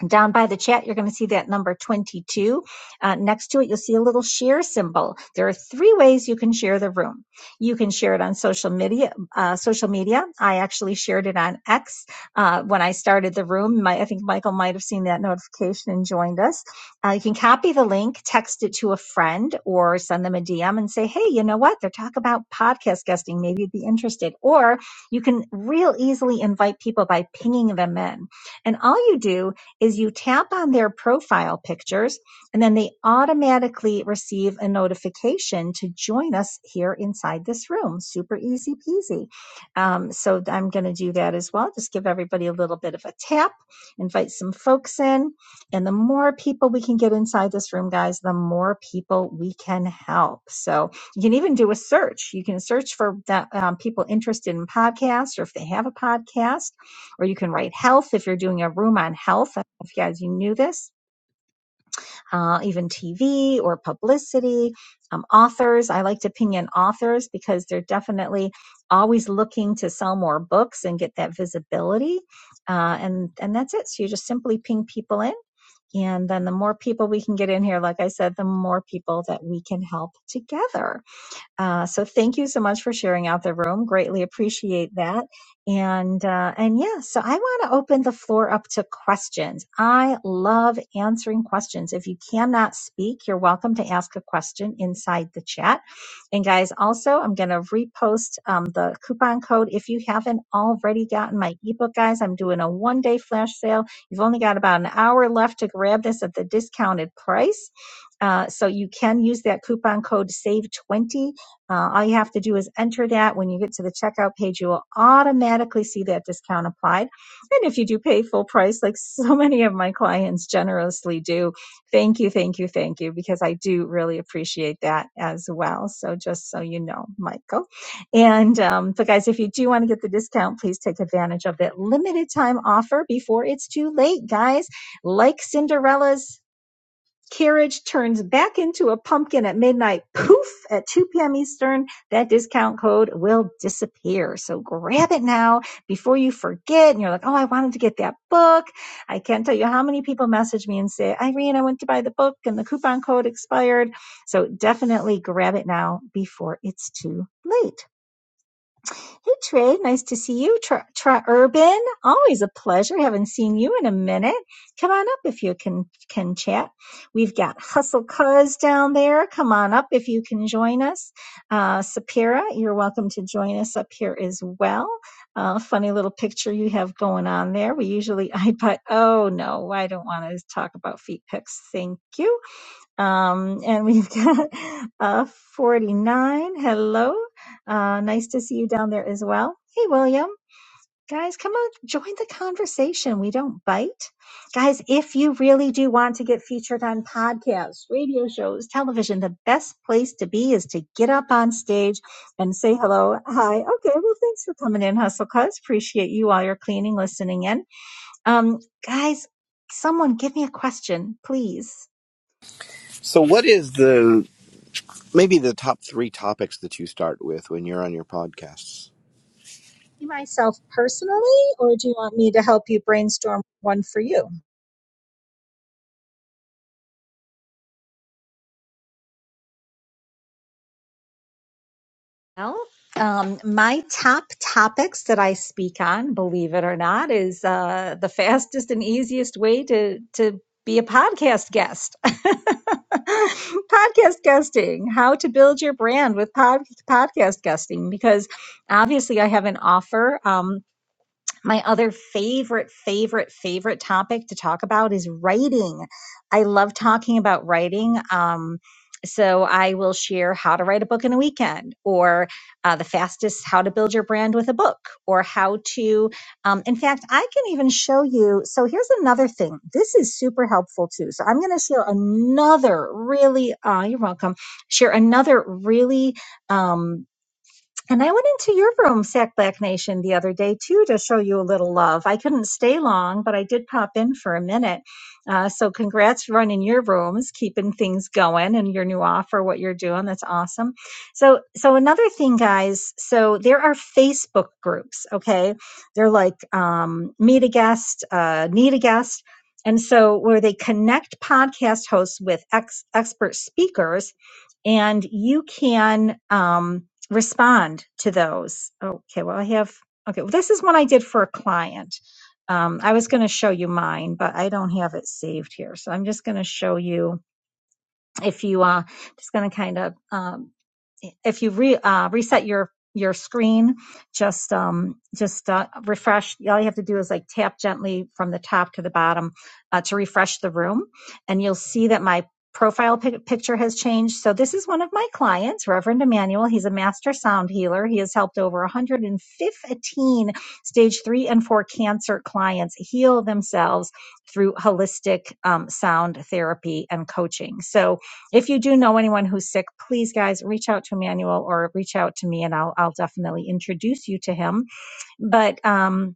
down by the chat, you're going to see that number 22. Uh, next to it, you'll see a little share symbol. There are three ways you can share the room. You can share it on social media. Uh, social media. I actually shared it on X uh, when I started the room. My, I think Michael might have seen that notification and joined us. Uh, you can copy the link, text it to a friend, or send them a DM and say, "Hey, you know what? They're talking about podcast guesting. Maybe you'd be interested." Or you can real easily invite people by pinging them in. And all you do is you tap on their profile pictures and then they automatically receive a notification to join us here inside this room. Super easy peasy. Um, so I'm going to do that as well. Just give everybody a little bit of a tap, invite some folks in. And the more people we can get inside this room, guys, the more people we can help. So you can even do a search. You can search for that, um, people interested in podcasts or if they have a podcast or you can write health if you're doing a room on health. I don't know if you guys you knew this, uh, even TV or publicity, um, authors. I like to ping in authors because they're definitely always looking to sell more books and get that visibility. Uh, and and that's it. So you just simply ping people in. And then the more people we can get in here, like I said, the more people that we can help together. Uh, so thank you so much for sharing out the room. Greatly appreciate that. And uh, and yeah, so I want to open the floor up to questions. I love answering questions. If you cannot speak, you're welcome to ask a question inside the chat. And guys, also I'm going to repost um, the coupon code if you haven't already gotten my ebook, guys. I'm doing a one day flash sale. You've only got about an hour left to grab this at the discounted price. Uh, so you can use that coupon code SAVE20 uh, all you have to do is enter that. When you get to the checkout page, you will automatically see that discount applied. And if you do pay full price, like so many of my clients generously do, thank you, thank you, thank you, because I do really appreciate that as well. So just so you know, Michael. And um, but guys, if you do want to get the discount, please take advantage of that limited time offer before it's too late, guys. Like Cinderella's Carriage turns back into a pumpkin at midnight. Poof! At 2 p.m. Eastern, that discount code will disappear. So grab it now before you forget. And you're like, oh, I wanted to get that book. I can't tell you how many people message me and say, Irene, I went to buy the book and the coupon code expired. So definitely grab it now before it's too late. Hey Trey, nice to see you. Tra, Tra Urban, always a pleasure. Haven't seen you in a minute. Come on up if you can can chat. We've got Hustle Cuz down there. Come on up if you can join us. Uh, Sapira, you're welcome to join us up here as well. Uh, funny little picture you have going on there. We usually I put. Oh no, I don't want to talk about feet pics. Thank you. Um, and we've got uh, 49. Hello. Uh, nice to see you down there as well. Hey, William. Guys, come on, join the conversation. We don't bite. Guys, if you really do want to get featured on podcasts, radio shows, television, the best place to be is to get up on stage and say hello. Hi. Okay. Well, thanks for coming in, Hustle Cuz. Appreciate you while you're cleaning, listening in. Um, guys, someone give me a question, please. So, what is the maybe the top three topics that you start with when you're on your podcasts? myself personally, or do you want me to help you brainstorm one for you? Well, Um, my top topics that I speak on, believe it or not, is uh, the fastest and easiest way to to be a podcast guest. podcast guesting, how to build your brand with pod, podcast guesting, because obviously I have an offer. Um, My other favorite, favorite, favorite topic to talk about is writing. I love talking about writing. Um, so I will share how to write a book in a weekend, or uh, the fastest how to build your brand with a book, or how to. Um, in fact, I can even show you. So here's another thing. This is super helpful too. So I'm going to share another really. Uh, you're welcome. Share another really. um, and I went into your room, Sack Black Nation, the other day too to show you a little love. I couldn't stay long, but I did pop in for a minute. Uh, so congrats for running your rooms, keeping things going, and your new offer, what you're doing. That's awesome. So, so another thing, guys. So there are Facebook groups. Okay, they're like um, meet a guest, uh, need a guest. And so, where they connect podcast hosts with ex- expert speakers, and you can um, respond to those. Okay, well, I have, okay, well, this is one I did for a client. Um, I was going to show you mine, but I don't have it saved here. So I'm just going to show you if you uh, just going to kind of um, if you re, uh, reset your your screen, just um, just uh, refresh. All you have to do is like tap gently from the top to the bottom uh, to refresh the room, and you'll see that my profile pic- picture has changed. So this is one of my clients, Reverend Emmanuel. He's a master sound healer. He has helped over 115 stage three and four cancer clients heal themselves through holistic um, sound therapy and coaching. So if you do know anyone who's sick, please, guys, reach out to Emmanuel or reach out to me, and I'll I'll definitely introduce you to him. But um,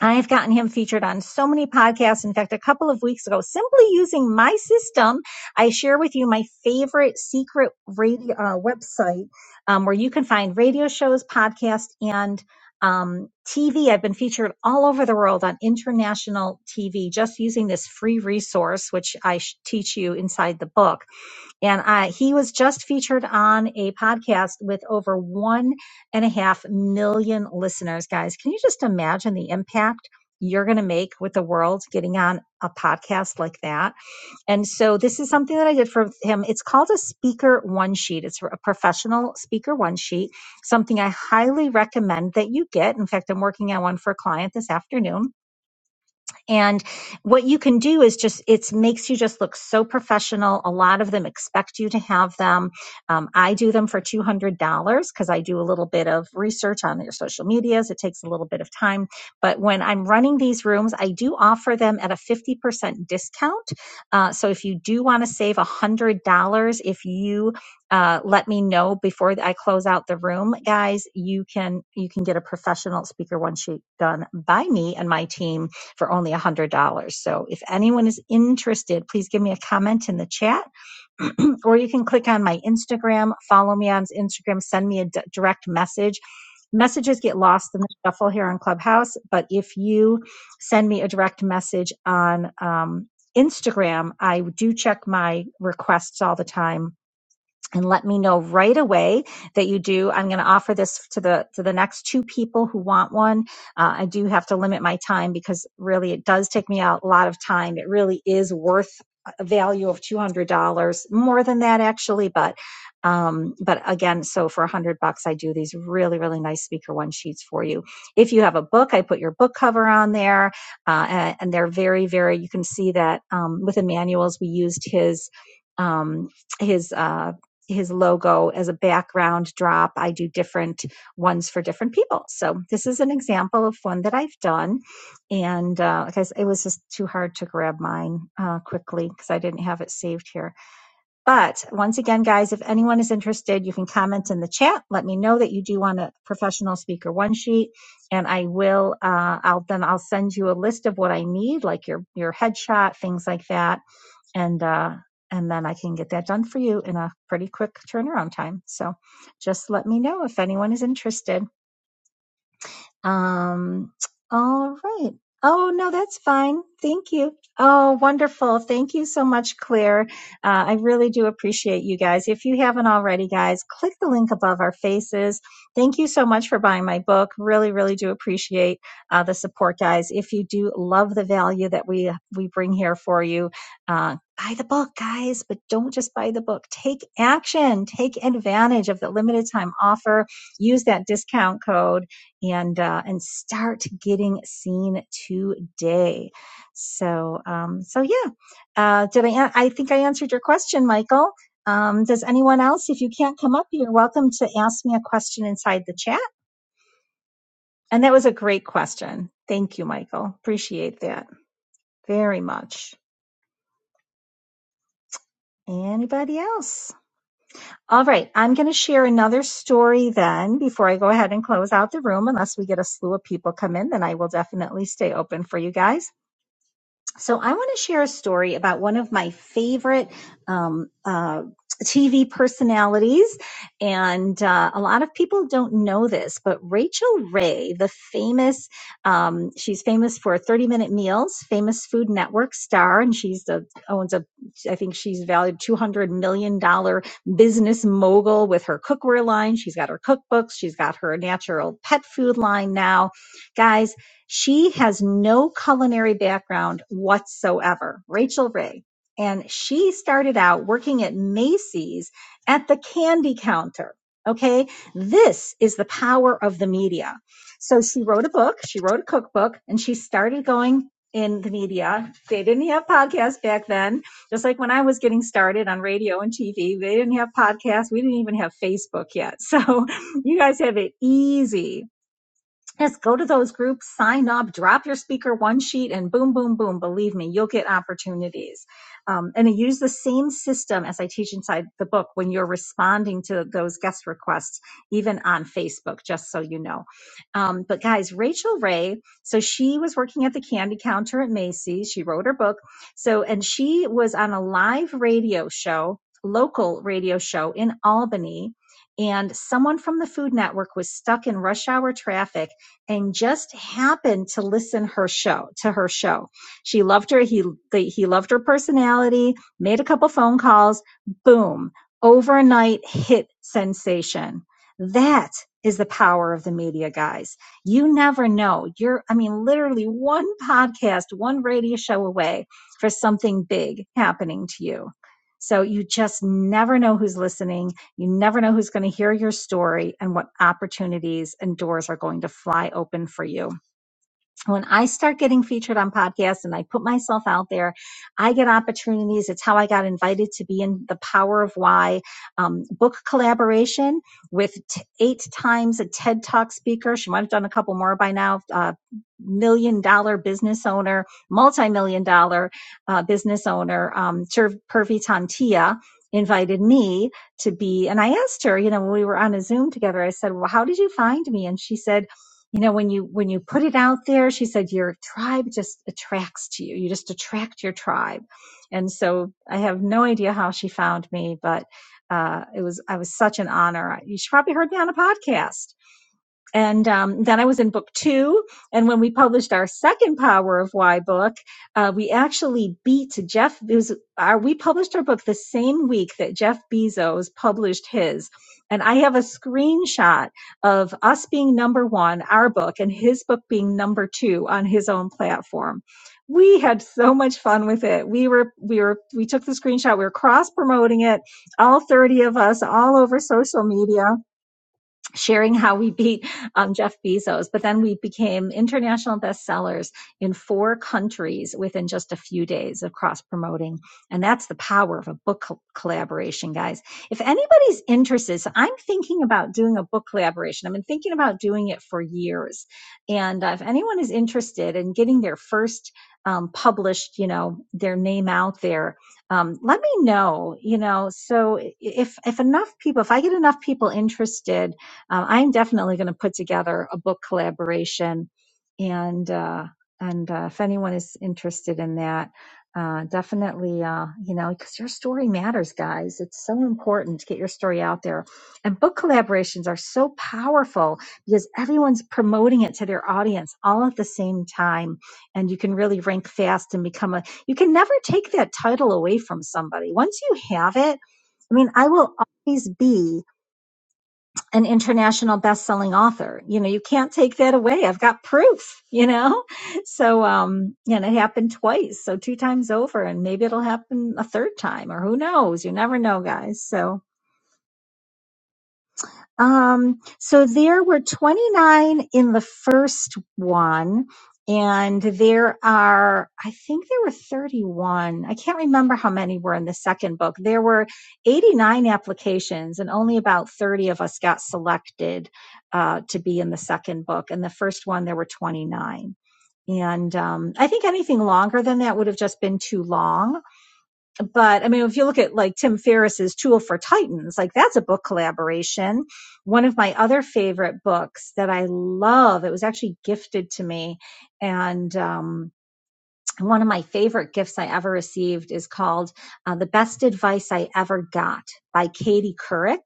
I've gotten him featured on so many podcasts. In fact, a couple of weeks ago, simply using my system, I share with you my favorite secret radio uh, website um, where you can find radio shows, podcasts, and um, TV. I've been featured all over the world on international TV just using this free resource, which I sh- teach you inside the book and uh, he was just featured on a podcast with over one and a half million listeners. Guys, can you just imagine the impact you're going to make with the world getting on a podcast like that? And so this is something that I did for him. It's called a speaker one sheet. It's a professional speaker one sheet, something I highly recommend that you get. In fact, I'm working on one for a client this afternoon and what you can do is just, it makes you just look so professional. A lot of them expect you to have them. Um, I do them for $200 because I do a little bit of research on your social medias. It takes a little bit of time. But when I'm running these rooms, I do offer them at a 50% discount. Uh, so if you do want to save $100, if you uh, let me know before I close out the room, guys. You can you can get a professional speaker one sheet done by me and my team for only $100. So if anyone is interested, please give me a comment in the chat or you can click on my Instagram, follow me on Instagram, send me a d- direct message. Messages get lost in the shuffle here on Clubhouse, but if you send me a direct message on um, Instagram, I do check my requests all the time and let me know right away that you do. I'm going to offer this to the to the next two people who want one. Uh, I do have to limit my time because really it does take me out a lot of time. It really is worth a value of two hundred dollars, more than that actually, but um but again so for a hundred bucks i do these really really nice speaker one sheets for you if you have a book i put your book cover on there uh, and, and they're very very you can see that um, with emmanuel's we used his um his uh his logo as a background drop. I do different ones for different people. So this is an example of one that I've done. And uh, like I said, it was just too hard to grab mine uh, quickly because I didn't have it saved here. But once again, guys, if anyone is interested, you can comment in the chat. Let me know that you do want a professional speaker one sheet. And I will, uh, I'll, then I'll send you a list of what I need, like your, your headshot, things like that and uh, and then I can get that done for you in a pretty quick turnaround time. So just let me know if anyone is interested. Um, all right. Oh, no, that's fine. Thank you. Oh, wonderful. Thank you so much, Claire. Uh, I really do appreciate you guys. If you haven't already, guys, click the link above our faces. Thank you so much for buying my book. Really, really do appreciate uh, the support, guys. If you do love the value that we, we bring here for you, uh, buy the book, guys, but don't just buy the book. Take action. Take advantage of the limited time offer. Use that discount code and uh, and start getting seen today. So um, so yeah, uh, did I? I think I answered your question, Michael. Um, does anyone else? If you can't come up, you're welcome to ask me a question inside the chat. And that was a great question. Thank you, Michael. Appreciate that very much. Anybody else? All right, I'm going to share another story then before I go ahead and close out the room. Unless we get a slew of people come in, then I will definitely stay open for you guys. So I want to share a story about one of my favorite um, uh, TV personalities, and uh, a lot of people don't know this, but Rachel Ray, the famous, um, she's famous for 30 Minute Meals, famous Food Network star, and she's the owns a, I think she's valued 200 million dollar business mogul with her cookware line. She's got her cookbooks, she's got her natural pet food line now, guys she has no culinary background whatsoever, Rachel Ray. And she started out working at Macy's at the candy counter. Okay. This is the power of the media. So she wrote a book, she wrote a cookbook, and she started going in the media. They didn't have podcasts back then. Just like when I was getting started on radio and TV, they didn't have podcasts. We didn't even have Facebook yet. So you guys have it easy is go to those groups, sign up, drop your speaker one sheet, and boom, boom, boom. Believe me, you'll get opportunities. Um, and I use the same system as I teach inside the book when you're responding to those guest requests, even on Facebook, just so you know. Um, but guys, Rachel Ray, so she was working at the candy counter at Macy's. She wrote her book. So, and she was on a live radio show, local radio show in Albany. And someone from the Food Network was stuck in rush hour traffic and just happened to listen her show to her show. She loved her. He he loved her personality. Made a couple phone calls. Boom! Overnight hit sensation. That is the power of the media, guys. You never know. You're, I mean, literally one podcast, one radio show away for something big happening to you. So you just never know who's listening you never know who's going to hear your story and what opportunities and doors are going to fly open for you when I start getting featured on podcasts and I put myself out there, I get opportunities. It's how I got invited to be in the Power of Why um, book collaboration with t- eight times a TED Talk speaker. She might have done a couple more by now. Uh, million dollar business owner, multi-million dollar uh, business owner, um, Purvi Tantia invited me to be, and I asked her, you know, when we were on a Zoom together, I said, well, how did you find me? And she said, you know when you when you put it out there she said your tribe just attracts to you you just attract your tribe and so i have no idea how she found me but uh, it was i was such an honor You she probably heard me on a podcast and um, then I was in book two. And when we published our second Power of Why book, uh, we actually beat Jeff. It was our, we published our book the same week that Jeff Bezos published his. And I have a screenshot of us being number one, our book, and his book being number two on his own platform. We had so much fun with it. We were, we were, we took the screenshot. We were cross promoting it, all 30 of us, all over social media sharing how we beat um, Jeff Bezos. But then we became international bestsellers in four countries within just a few days of cross promoting. And that's the power of a book col- collaboration, guys. If anybody's interested, so I'm thinking about doing a book collaboration. I've been thinking about doing it for years. And uh, if anyone is interested in getting their first um, published, you know, their name out there, um, let me know, you know, so if, if enough people, if I get enough people interested, uh, I'm definitely going to put together a book collaboration, and uh, and uh, if anyone is interested in that, uh, definitely, uh, you know, because your story matters, guys. It's so important to get your story out there, and book collaborations are so powerful because everyone's promoting it to their audience all at the same time, and you can really rank fast and become a. You can never take that title away from somebody once you have it. I mean, I will always be an international best-selling author. You know, you can't take that away. I've got proof, you know? So, um, and it happened twice. So two times over and maybe it'll happen a third time or who knows? You never know, guys. So, um, so there were 29 in the first one, and there are, I think there were 31. I can't remember how many were in the second book. There were 89 applications, and only about 30 of us got selected uh, to be in the second book. In the first one, there were 29. And um, I think anything longer than that would have just been too long but I mean, if you look at like Tim Ferriss's Tool for Titans, like that's a book collaboration. One of my other favorite books that I love, it was actually gifted to me. And, um, one of my favorite gifts I ever received is called uh, The Best Advice I Ever Got by Katie Couric.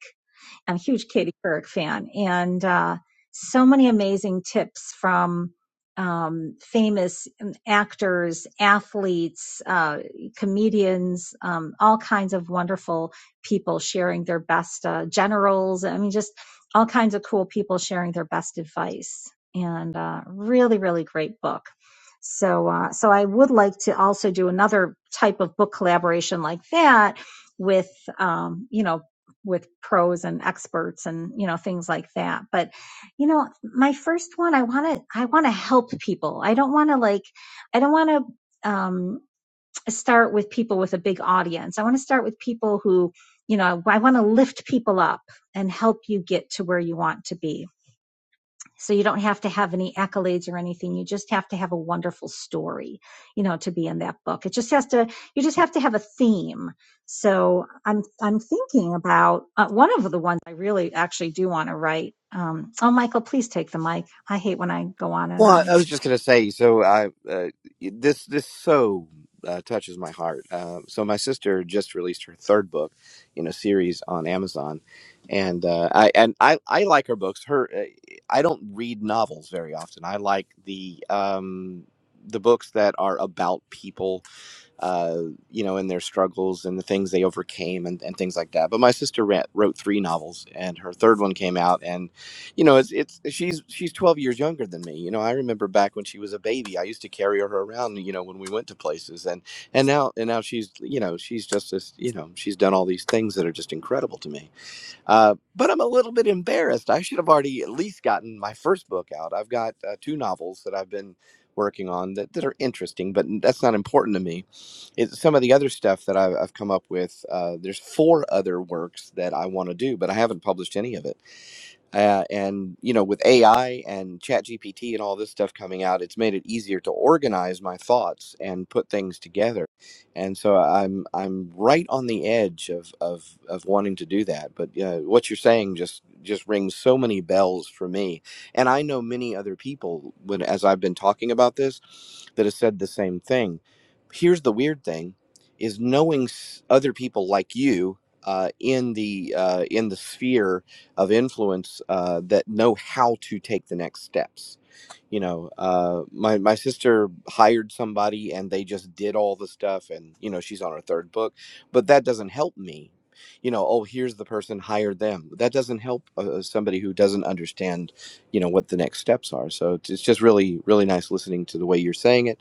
I'm a huge Katie Couric fan, and uh, so many amazing tips from um, famous um, actors, athletes, uh, comedians, um, all kinds of wonderful people sharing their best uh, generals. I mean, just all kinds of cool people sharing their best advice, and uh, really, really great book. So, uh, so I would like to also do another type of book collaboration like that with, um, you know, with pros and experts and you know things like that but you know my first one i want to i want to help people i don't want to like i don't want to um start with people with a big audience i want to start with people who you know i want to lift people up and help you get to where you want to be so you don't have to have any accolades or anything you just have to have a wonderful story you know to be in that book it just has to you just have to have a theme so I'm I'm thinking about uh, one of the ones I really actually do want to write. Um, oh, Michael, please take the mic. I hate when I go on and Well, I I on. was just going to say, so I, uh, this this so uh, touches my heart. Uh, so my sister just released her third book in a series on Amazon, and uh, I and I, I like her books. Her uh, I don't read novels very often. I like the um, the books that are about people uh, you know, and their struggles and the things they overcame and, and things like that. But my sister ra- wrote three novels, and her third one came out. And you know, it's it's she's she's twelve years younger than me. You know, I remember back when she was a baby, I used to carry her around. You know, when we went to places, and and now and now she's you know she's just this you know she's done all these things that are just incredible to me uh, but I'm a little bit embarrassed. I should have already at least gotten my first book out. I've got uh, two novels that I've been working on that, that are interesting, but that's not important to me. It's some of the other stuff that I've, I've come up with. Uh, there's four other works that I want to do, but I haven't published any of it uh, and you know with ai and ChatGPT and all this stuff coming out it's made it easier to organize my thoughts and put things together and so uh, i'm i'm right on the edge of of of wanting to do that but uh, what you're saying just just rings so many bells for me and i know many other people when as i've been talking about this that have said the same thing here's the weird thing is knowing s- other people like you uh, in the uh, in the sphere of influence uh, that know how to take the next steps. You know, uh, my my sister hired somebody and they just did all the stuff, and you know she's on her third book, but that doesn't help me. You know, oh here's the person hire them. That doesn't help uh, uh, somebody who doesn't understand, you know, what the next steps are. So it's, it's just really really nice listening to the way you're saying it,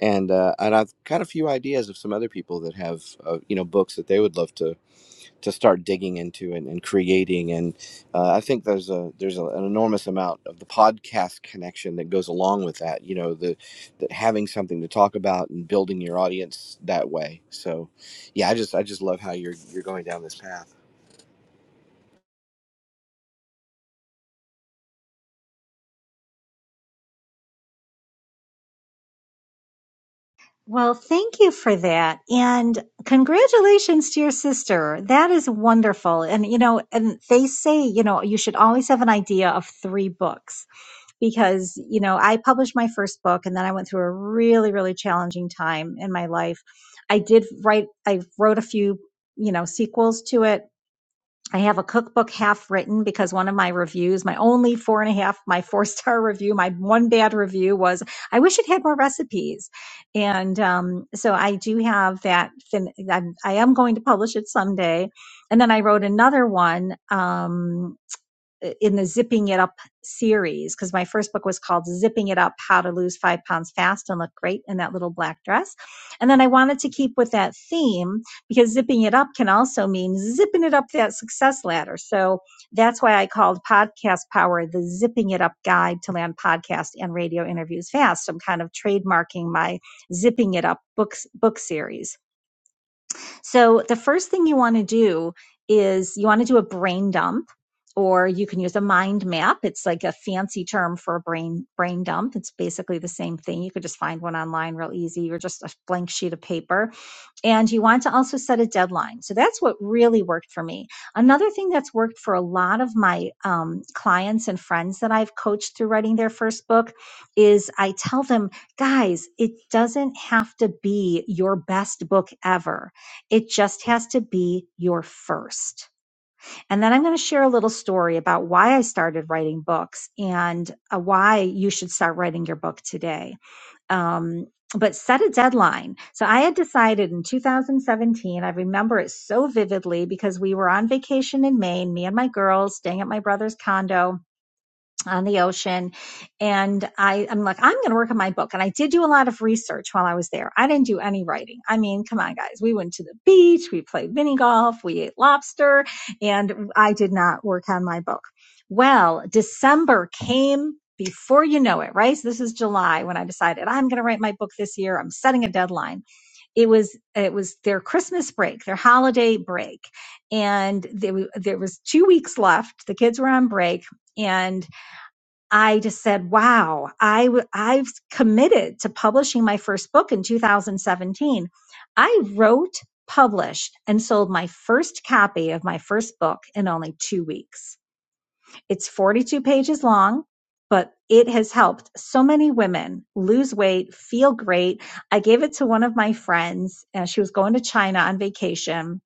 and uh, and I've got a few ideas of some other people that have uh, you know books that they would love to to start digging into and, and creating. And uh, I think there's a there's a, an enormous amount of the podcast connection that goes along with that. You know, the that having something to talk about and building your audience that way. So, yeah, I just I just love how you're you're going down this path. Well, thank you for that. And congratulations to your sister. That is wonderful. And, you know, and they say, you know, you should always have an idea of three books because, you know, I published my first book and then I went through a really, really challenging time in my life. I did write, I wrote a few, you know, sequels to it I have a cookbook half written because one of my reviews, my only four and a half, my four star review, my one bad review was, I wish it had more recipes. And um, so I do have that. Fin- I'm, I am going to publish it someday. And then I wrote another one. Um, uh, in the zipping it up series because my first book was called zipping it up how to lose five pounds fast and look great in that little black dress and then i wanted to keep with that theme because zipping it up can also mean zipping it up that success ladder so that's why i called podcast power the zipping it up guide to land podcast and radio interviews fast So i'm kind of trademarking my zipping it up books book series so the first thing you want to do is you want to do a brain dump or you can use a mind map. It's like a fancy term for a brain brain dump. It's basically the same thing. You could just find one online real easy or just a blank sheet of paper and you want to also set a deadline. So that's what really worked for me. Another thing that's worked for a lot of my um, clients and friends that I've coached through writing their first book is I tell them, guys, it doesn't have to be your best book ever, it just has to be your first. And then I'm going to share a little story about why I started writing books and uh, why you should start writing your book today. Um, but set a deadline. So I had decided in 2017, I remember it so vividly because we were on vacation in Maine, me and my girls staying at my brother's condo on the ocean. And I, I'm like, I'm going to work on my book. And I did do a lot of research while I was there. I didn't do any writing. I mean, come on, guys. We went to the beach. We played mini golf. We ate lobster and I did not work on my book. Well, December came before you know it, right? So this is July when I decided I'm going to write my book this year. I'm setting a deadline. It was, it was their Christmas break, their holiday break. And there, there was two weeks left. The kids were on break and I just said, wow, I, w- I've committed to publishing my first book in 2017. I wrote, published, and sold my first copy of my first book in only two weeks. It's 42 pages long, but it has helped so many women lose weight, feel great. I gave it to one of my friends. Uh, she was going to China on vacation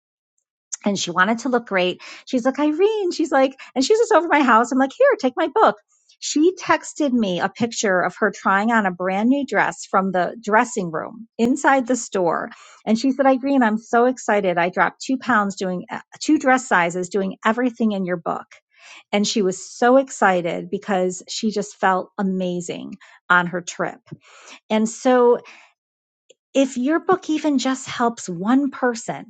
and she wanted to look great. She's like, Irene, she's like, and she's just over my house. I'm like, here, take my book. She texted me a picture of her trying on a brand new dress from the dressing room inside the store. And she said, Irene, I'm so excited. I dropped two pounds doing uh, two dress sizes, doing everything in your book. And she was so excited because she just felt amazing on her trip. And so, if your book even just helps one person,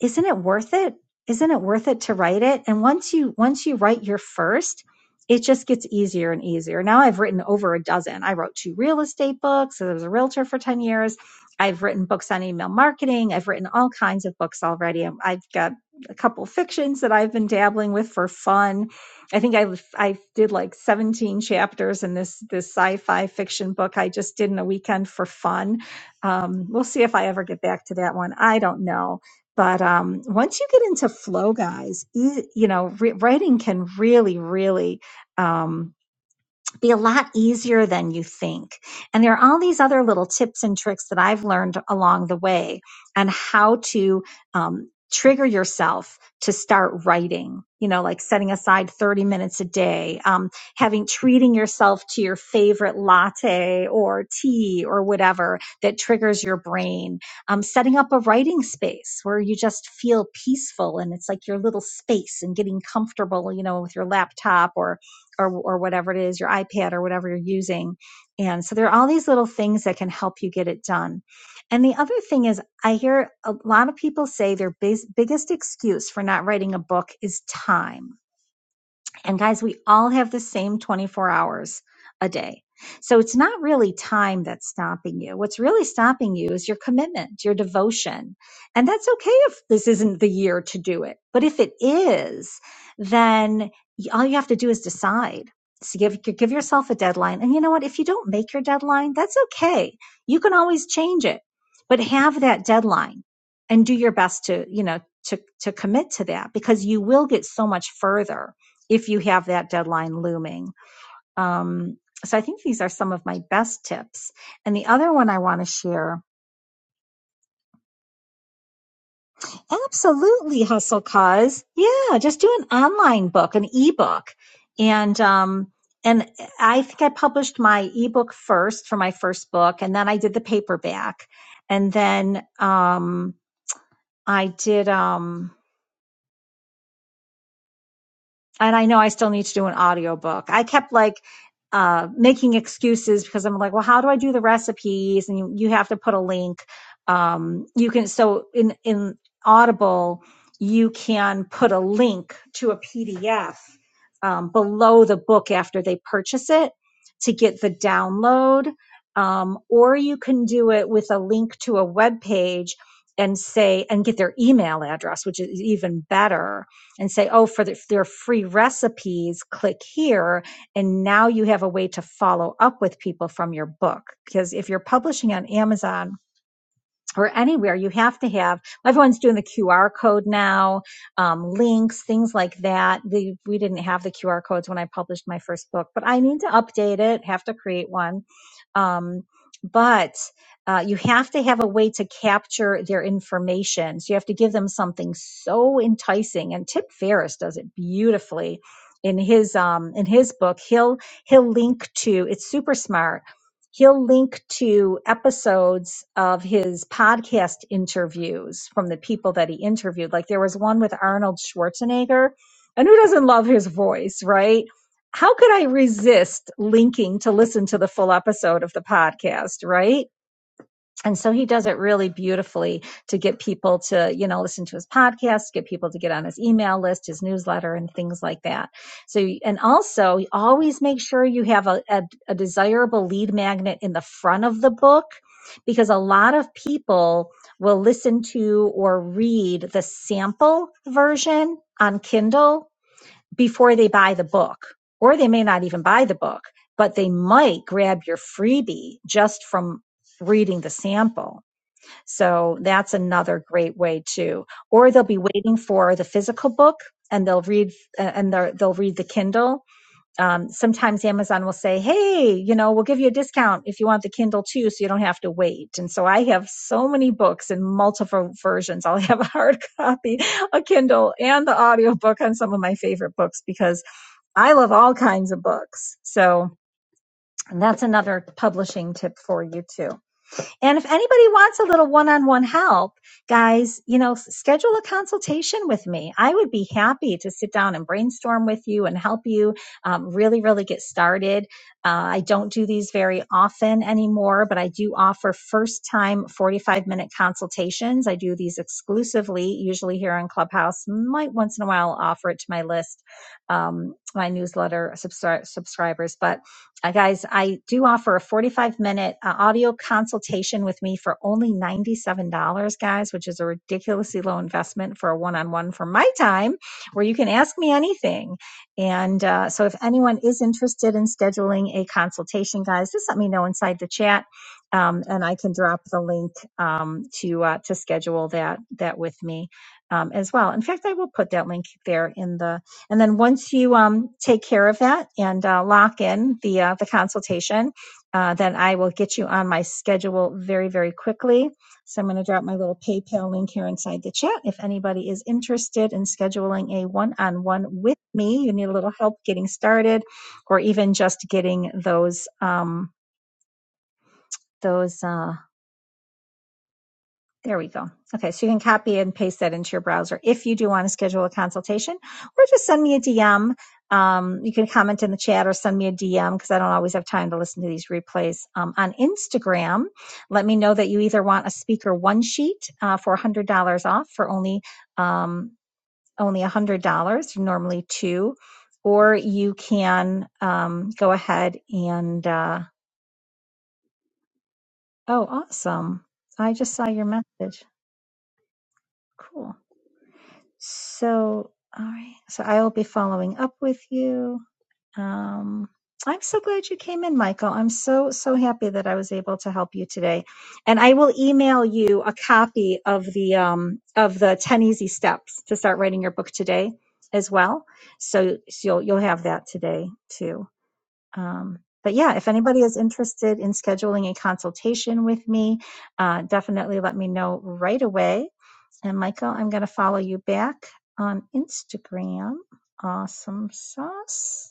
isn't it worth it isn't it worth it to write it and once you once you write your first it just gets easier and easier now i've written over a dozen i wrote two real estate books i was a realtor for 10 years i've written books on email marketing i've written all kinds of books already Um, i've got a couple fictions that i've been dabbling with for fun i think i i did like 17 chapters in this this sci-fi fiction book i just did in a weekend for fun um, we'll see if i ever get back to that one i don't know but um, once you get into flow, guys, you, you know, re- writing can really, really um, be a lot easier than you think. And there are all these other little tips and tricks that I've learned along the way on how to um, trigger yourself to start writing. You know, like setting aside 30 minutes a day, um, having treating yourself to your favorite latte or tea or whatever that triggers your brain, um, setting up a writing space where you just feel peaceful and it's like your little space and getting comfortable, you know, with your laptop or or or whatever it is, your iPad or whatever you're using. And so there are all these little things that can help you get it done. And the other thing is, I hear a lot of people say their bas- biggest excuse for not writing a book is time and guys, we all have the same 24 hours a day. So it's not really time that's stopping you. What's really stopping you is your commitment, your devotion. And that's okay if this isn't the year to do it. But if it is, then y- all you have to do is decide. So give, give yourself a deadline. And you know what? If you don't make your deadline, that's okay. You can always change it, but have that deadline and do your best to, you know, to, to commit to that because you will get so much further if you have that deadline looming. Um, so I think these are some of my best tips. And the other one I want to share, absolutely hustle cause. Yeah, just do an online book, an ebook. And um and I think I published my ebook first for my first book and then I did the paperback. And then um I did um and I know I still need to do an audiobook. I kept like uh, making excuses because I'm like, well, how do I do the recipes? And you, you have to put a link. Um, you can so in in Audible, you can put a link to a PDF um, below the book after they purchase it to get the download. Um, or you can do it with a link to a web page and say and get their email address, which is even better and say, oh, for the, their free recipes, click here. And now you have a way to follow up with people from your book. Because if you're publishing on Amazon, or anywhere you have to have everyone's doing the qr code now um, links things like that the, we didn't have the qr codes when i published my first book but i need to update it have to create one um, but uh, you have to have a way to capture their information so you have to give them something so enticing and tip ferriss does it beautifully in his um in his book he'll he'll link to it's super smart he'll link to episodes of his podcast interviews from the people that he interviewed. Like there was one with Arnold Schwarzenegger, and who doesn't love his voice, right? How could I resist linking to listen to the full episode of the podcast, right? and so he does it really beautifully to get people to you know listen to his podcast get people to get on his email list his newsletter and things like that so and also always make sure you have a, a, a desirable lead magnet in the front of the book because a lot of people will listen to or read the sample version on kindle before they buy the book, or they may not even buy the book, but they might grab your freebie just from reading the sample. So that's another great way too. Or they'll be waiting for the physical book and they'll read uh, and they will read the Kindle. Um, sometimes Amazon will say, "Hey, you know, we'll give you a discount if you want the Kindle too, so you don't have to wait." And so I have so many books in multiple versions. I'll have a hard copy, a Kindle, and the audiobook on some of my favorite books because I love all kinds of books. So that's another publishing tip for you too. And if anybody wants a little one on one help, guys, you know, schedule a consultation with me. I would be happy to sit down and brainstorm with you and help you um, really, really get started. Uh, I don't do these very often anymore, but I do offer first time 45 minute consultations. I do these exclusively, usually here on Clubhouse. Might once in a while offer it to my list, um, my newsletter subscri- subscribers, but uh, guys, I do offer a 45 minute uh, audio consultation with me for only $97, guys, which is a ridiculously low investment for a one on one for my time, where you can ask me anything. And uh, so, if anyone is interested in scheduling a consultation, guys, just let me know inside the chat. Um, and I can drop the link um, to uh, to schedule that that with me um, as well. In fact, I will put that link there in the and then once you um, take care of that and uh, lock in the uh, the consultation, uh, then I will get you on my schedule very very quickly. So I'm going to drop my little PayPal link here inside the chat. If anybody is interested in scheduling a one-on-one with me, you need a little help getting started, or even just getting those um, those. Uh, There we go. Okay, so you can copy and paste that into your browser if you do want to schedule a consultation, or just send me a DM. Um, you can comment in the chat or send me a DM because I don't always have time to listen to these replays. Um, on Instagram, let me know that you either want a speaker one sheet uh, for $100 off for only um, only $100, normally two, or you can um, go ahead and, uh, oh, awesome. I just saw your message. Cool. So, all right. So I will be following up with you. Um, I'm so glad you came in, Michael. I'm so, so happy that I was able to help you today. And I will email you a copy of the, um, of the 10 easy steps to start writing your book today as well. So, so you'll, you'll have that today too. Um, but yeah, if anybody is interested in scheduling a consultation with me, uh, definitely let me know right away and Michael, I'm going to follow you back on Instagram. Awesome sauce.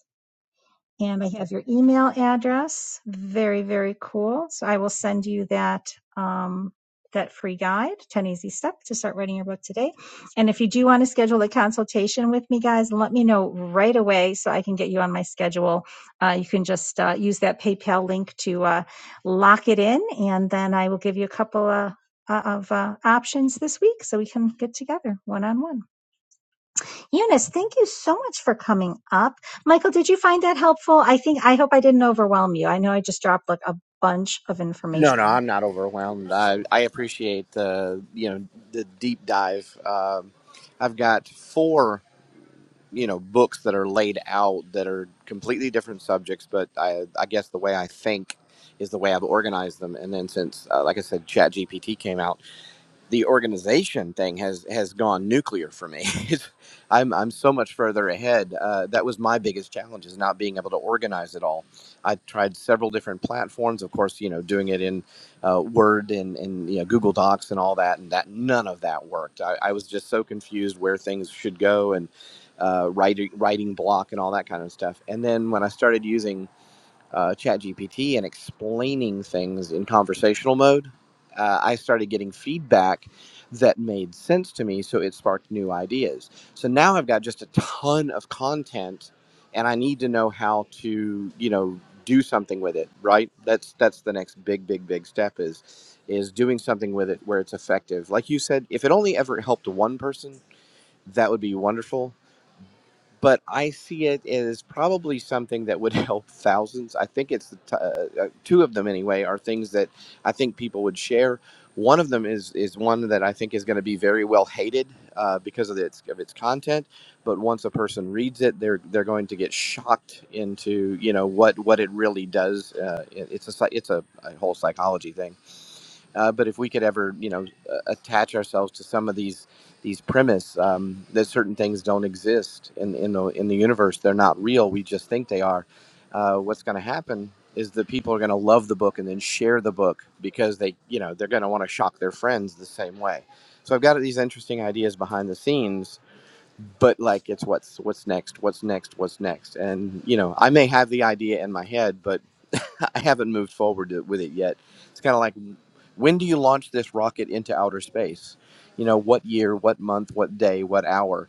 And I have your email address. Very, very cool. So I will send you that um, that free guide, 10 Easy Steps to Start Writing Your Book Today. And if you do want to schedule a consultation with me, guys, let me know right away so I can get you on my schedule. Uh, you can just uh, use that PayPal link to uh, lock it in, and then I will give you a couple uh, uh, of uh, options this week so we can get together one on one. Eunice, thank you so much for coming up. Michael, did you find that helpful? I think, I hope I didn't overwhelm you. I know I just dropped like a bunch of No, no, information. I'm not overwhelmed. I, I appreciate the you know the deep dive. Um, I've got four. you know books that are laid out that are completely different subjects but i i guess the way i think is the way i've organized them and then since uh, like i said ChatGPT came out the organization thing has has gone nuclear for me. I'm I'm so much further ahead. Uh, that was my biggest challenge is not being able to organize it all. I tried several different platforms, of course, you know, doing it in uh, Word and and you know Google Docs and all that, and that none of that worked. I, I was just so confused where things should go and uh, writing writing block and all that kind of stuff. And then when I started using uh, ChatGPT and explaining things in conversational mode, uh, I started getting feedback that made sense to me. So it sparked new ideas. So now I've got just a ton of content, and I need to know how to, you know, do something with it. Right? That's that's the next big, big, big step is is doing something with it where it's effective. Like you said, if it only ever helped one person, that would be wonderful but I see it as probably something that would help thousands. I think it's the t- uh, uh, two of them anyway are things that I think people would share. One of them is is one that I think is going to be very well hated uh, because of its of its content. But once a person reads it, they're they're going to get shocked into you know what what it really does. Uh, it, it's a psy- it's a, a whole psychology thing uh, but if we could ever, you know, uh, attach ourselves to some of these these premise um, that certain things don't exist in in the in the universe, they're not real. We just think they are. Uh, what's going to happen is that people are going to love the book and then share the book because they, you know, they're going to want to shock their friends the same way. So I've got these interesting ideas behind the scenes but like it's what's what's next what's next what's next and you know i may have the idea in my head but i haven't moved forward to, with it yet it's kind of like when do you launch this rocket into outer space you know what year what month what day what hour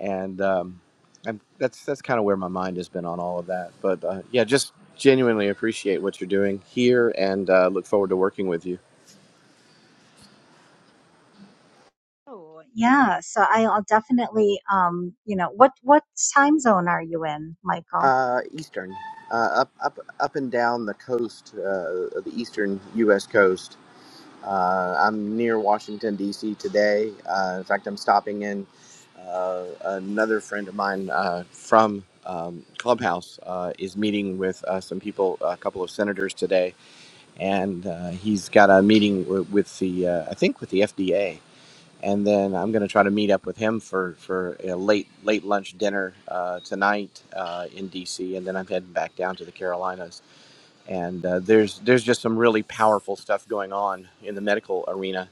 and um, I'm, that's that's kind of where my mind has been on all of that but uh, yeah just genuinely appreciate what you're doing here and uh, look forward to working with you Oh, yeah. So I'll definitely, um, you know, what, what time zone are you in, Michael? Uh, eastern, uh, up, up, up and down the coast, uh, of the eastern U.S. coast. Uh, I'm near Washington D.C. today. Uh, in fact, I'm stopping in uh, another friend of mine uh, from um, Clubhouse uh, is meeting with uh, some people, a couple of senators today, and uh, he's got a meeting w- with the, uh, I think, with the FDA and then I'm going to try to meet up with him for for a late late lunch dinner uh, tonight uh, in DC, and then I'm heading back down to the Carolinas and uh, there's there's just some really powerful stuff going on in the medical arena.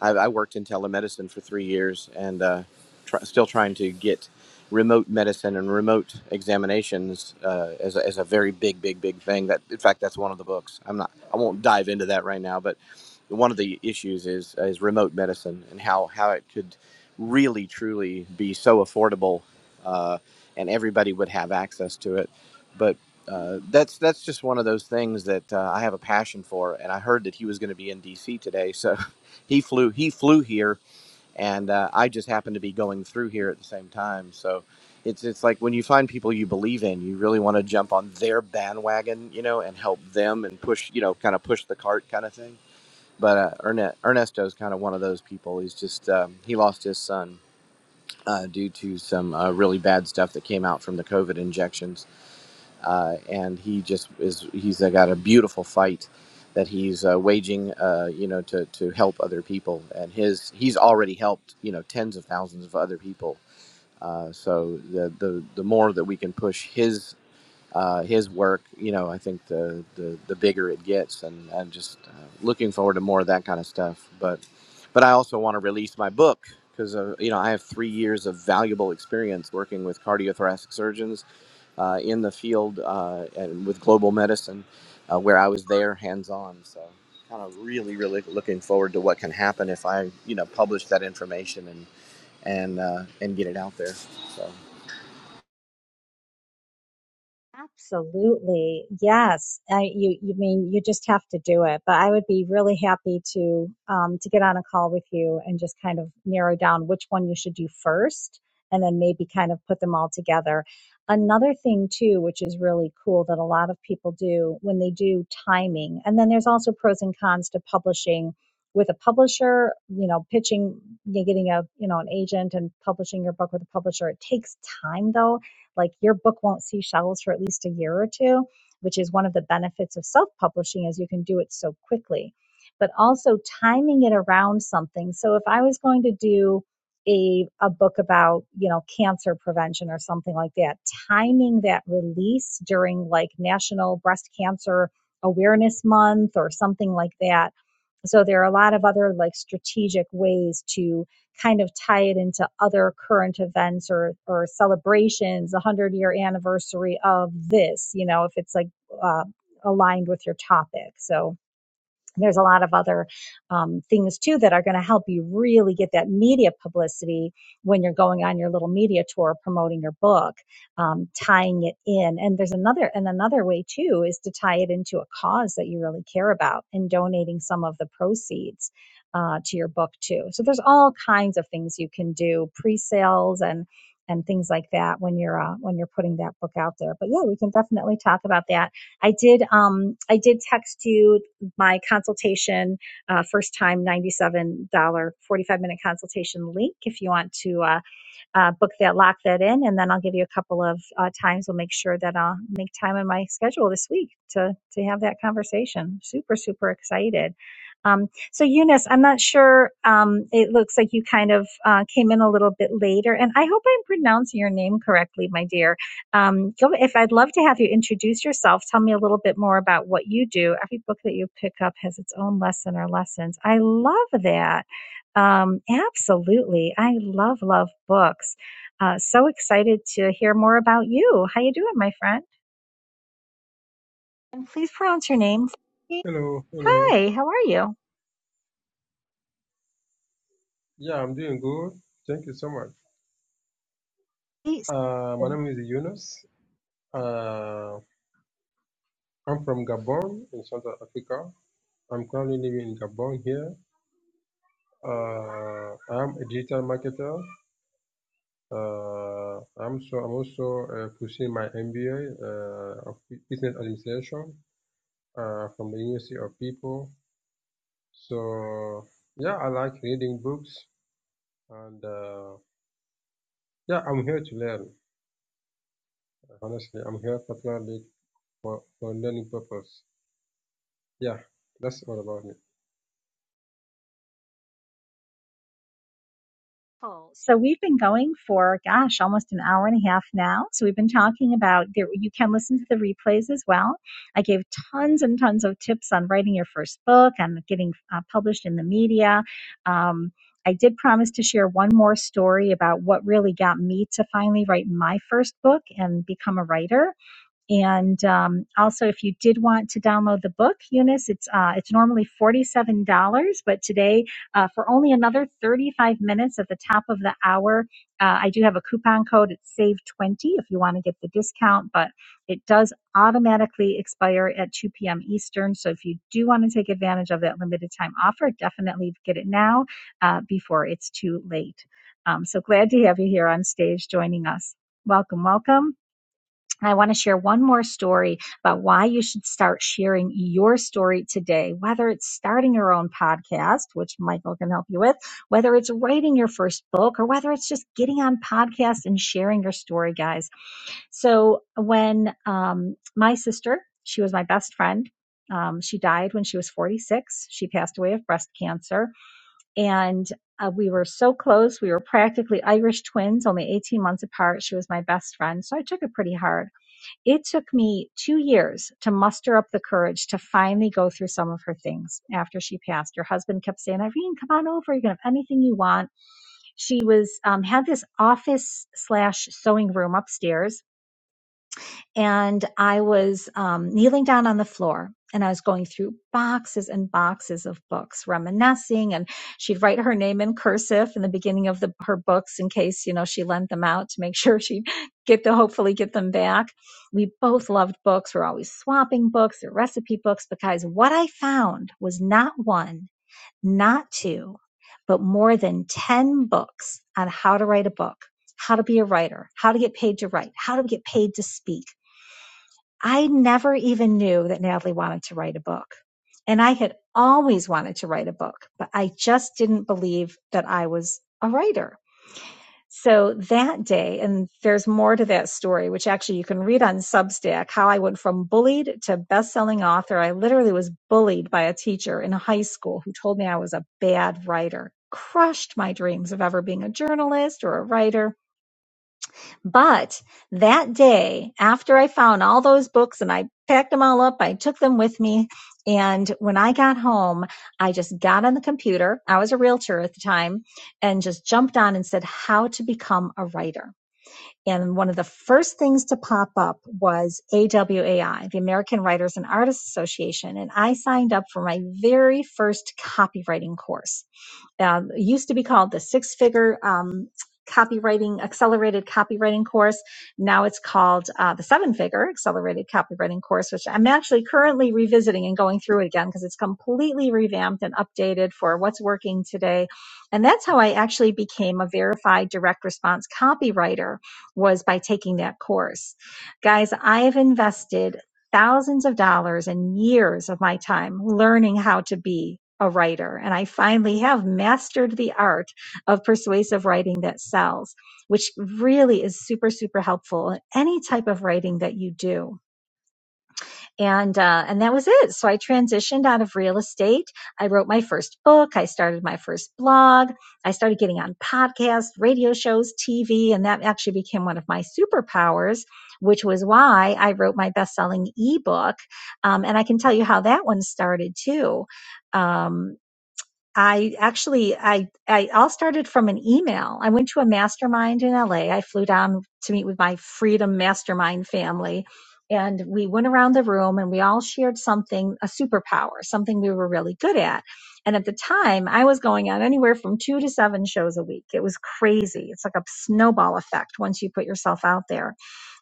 I, I worked in telemedicine for three years, and uh, try, still trying to get remote medicine and remote examinations uh, as, a, as a very big, big, big thing. That in fact, that's one of the books. I'm not. I won't dive into that right now, but one of the issues is is remote medicine and how how it could really truly be so affordable, uh, and everybody would have access to it. But uh, that's that's just one of those things that uh, I have a passion for, and I heard that he was going to be in D.C. today, so he flew he flew here, and uh, I just happened to be going through here at the same time. So it's it's like when you find people you believe in, you really want to jump on their bandwagon, you know, and help them and push, you know, kind of push the cart kind of thing. But uh, Erne- Ernesto's kind of one of those people. He's just um, he lost his son uh, due to some uh, really bad stuff that came out from the COVID injections uh, and he just is he's uh, got a beautiful fight that he's uh, waging uh, you know to, to help other people and his he's already helped you know tens of thousands of other people uh, so the, the the more that we can push his uh, his work, you know, I think the the, the bigger it gets, and I'm just uh, looking forward to more of that kind of stuff. But but I also want to release my book because uh, you know I have three years of valuable experience working with cardiothoracic surgeons uh, in the field uh, and with global medicine, uh, where I was there hands on. So kind of really really looking forward to what can happen if I you know publish that information and and uh, and get it out there. So. Absolutely. Yes. I, you, you mean you just have to do it, but I would be really happy to, um, to get on a call with you and just kind of narrow down which one you should do first and then maybe kind of put them all together. Another thing too, which is really cool that a lot of people do when they do timing. And then there's also pros and cons to publishing with a publisher, you know, pitching, you know, getting a, you know, an agent and publishing your book with a publisher. It takes time though like your book won't see shelves for at least a year or two which is one of the benefits of self-publishing is you can do it so quickly but also timing it around something so if i was going to do a, a book about you know cancer prevention or something like that timing that release during like national breast cancer awareness month or something like that so there are a lot of other like strategic ways to kind of tie it into other current events or or celebrations, the hundred year anniversary of this, you know, if it's like uh, aligned with your topic. So there's a lot of other um, things too that are going to help you really get that media publicity when you're going on your little media tour promoting your book um, tying it in and there's another and another way too is to tie it into a cause that you really care about and donating some of the proceeds uh, to your book too so there's all kinds of things you can do pre-sales and and things like that when you're uh, when you're putting that book out there but yeah we can definitely talk about that I did um I did text you my consultation, uh, first time $97, dollars 45 minute consultation link if you want to. Uh, uh, book that, lock that in, and then I'll give you a couple of uh, times. We'll make sure that I'll make time in my schedule this week to to have that conversation. Super, super excited. Um, so Eunice, I'm not sure. Um, it looks like you kind of uh, came in a little bit later, and I hope I'm pronouncing your name correctly, my dear. Um, go, if I'd love to have you introduce yourself, tell me a little bit more about what you do. Every book that you pick up has its own lesson or lessons. I love that um, absolutely. I love, love books. Uh, so excited to hear more about you. How you doing, my friend? And please pronounce your name. for me. Hello, hello. Hi, how are Yeah, I'm doing good. Thank you so much. you? Uh, my name is Yunus. Uh, I'm from Gabon in Central Africa. I'm currently living in Gabon here. Uh, I'm a digital marketer. Uh, I'm so I'm also uh, pursuing my MBA uh, of Bu- business administration uh, from the University of People. So yeah, I like reading books and uh, yeah, I'm here to learn. Honestly, I'm here particularly for, for learning purpose. Yeah, that's all about me. So we've been going for, gosh, almost an hour and a half now. So we've been talking about there. You can listen to the replays as well. I gave tons and tons of tips on writing your first book, on getting uh, published in the media. Um, I did promise to share one more story about what really got me to finally write my first book and become a writer. And um, also, if you did want to download the book, Eunice, it's uh, it's normally forty seven dollars, but today uh, for only another thirty five minutes at the top of the hour, uh, I do have a coupon code. It's save twenty if you want to get the discount, but it does automatically expire at two p.m. Eastern. So if you do want to take advantage of that limited time offer, definitely get it now uh, before it's too late. Um, so glad to have you here on stage joining us. Welcome, welcome. I want to share one more story about why you should start sharing your story today, whether it's starting your own podcast, which Michael can help you with, whether it's writing your first book, or whether it's just getting on podcasts and sharing your story, guys. So when um, my sister, she was my best friend. Um, she died when she was 46. She passed away of breast cancer. And uh, we were so close. We were practically Irish twins, only 18 months apart. She was my best friend. So I took it pretty hard. It took me two years to muster up the courage to finally go through some of her things after she passed. Her husband kept saying, Irene, come on over. You can have anything you want. She was um, had this office slash sewing room upstairs and I was um, kneeling down on the floor and I was going through boxes and boxes of books, reminiscing. And she'd write her name in cursive in the beginning of the, her books in case, you know, she lent them out to make sure she'd get to hopefully get them back. We both loved books. We're always swapping books or recipe books because what I found was not one, not two, but more than 10 books on how to write a book, how to be a writer, how to get paid to write, how to get paid to speak I never even knew that Natalie wanted to write a book. And I had always wanted to write a book, but I just didn't believe that I was a writer. So that day, and there's more to that story, which actually you can read on Substack, how I went from bullied to best-selling author. I literally was bullied by a teacher in high school who told me I was a bad writer, crushed my dreams of ever being a journalist or a writer. But that day, after I found all those books and I packed them all up, I took them with me. And when I got home, I just got on the computer. I was a realtor at the time and just jumped on and said, How to become a writer. And one of the first things to pop up was AWAI, the American Writers and Artists Association. And I signed up for my very first copywriting course um, it used to be called the six figure um, copywriting accelerated copywriting course now it's called uh, the seven figure accelerated copywriting course which i'm actually currently revisiting and going through it again because it's completely revamped and updated for what's working today and that's how i actually became a verified direct response copywriter was by taking that course guys i have invested thousands of dollars and years of my time learning how to be a writer. And I finally have mastered the art of persuasive writing that sells, which really is super, super helpful in any type of writing that you do and uh, and that was it. So I transitioned out of real estate. I wrote my first book. I started my first blog. I started getting on podcasts, radio shows, TV, and that actually became one of my superpowers, which was why I wrote my best-selling ebook. Um, and I can tell you how that one started too. Um, I actually I I all started from an email. I went to a mastermind in LA. I flew down to meet with my Freedom Mastermind family and we went around the room and we all shared something a superpower, something we were really good at. And at the time, I was going on anywhere from 2 to 7 shows a week. It was crazy. It's like a snowball effect once you put yourself out there.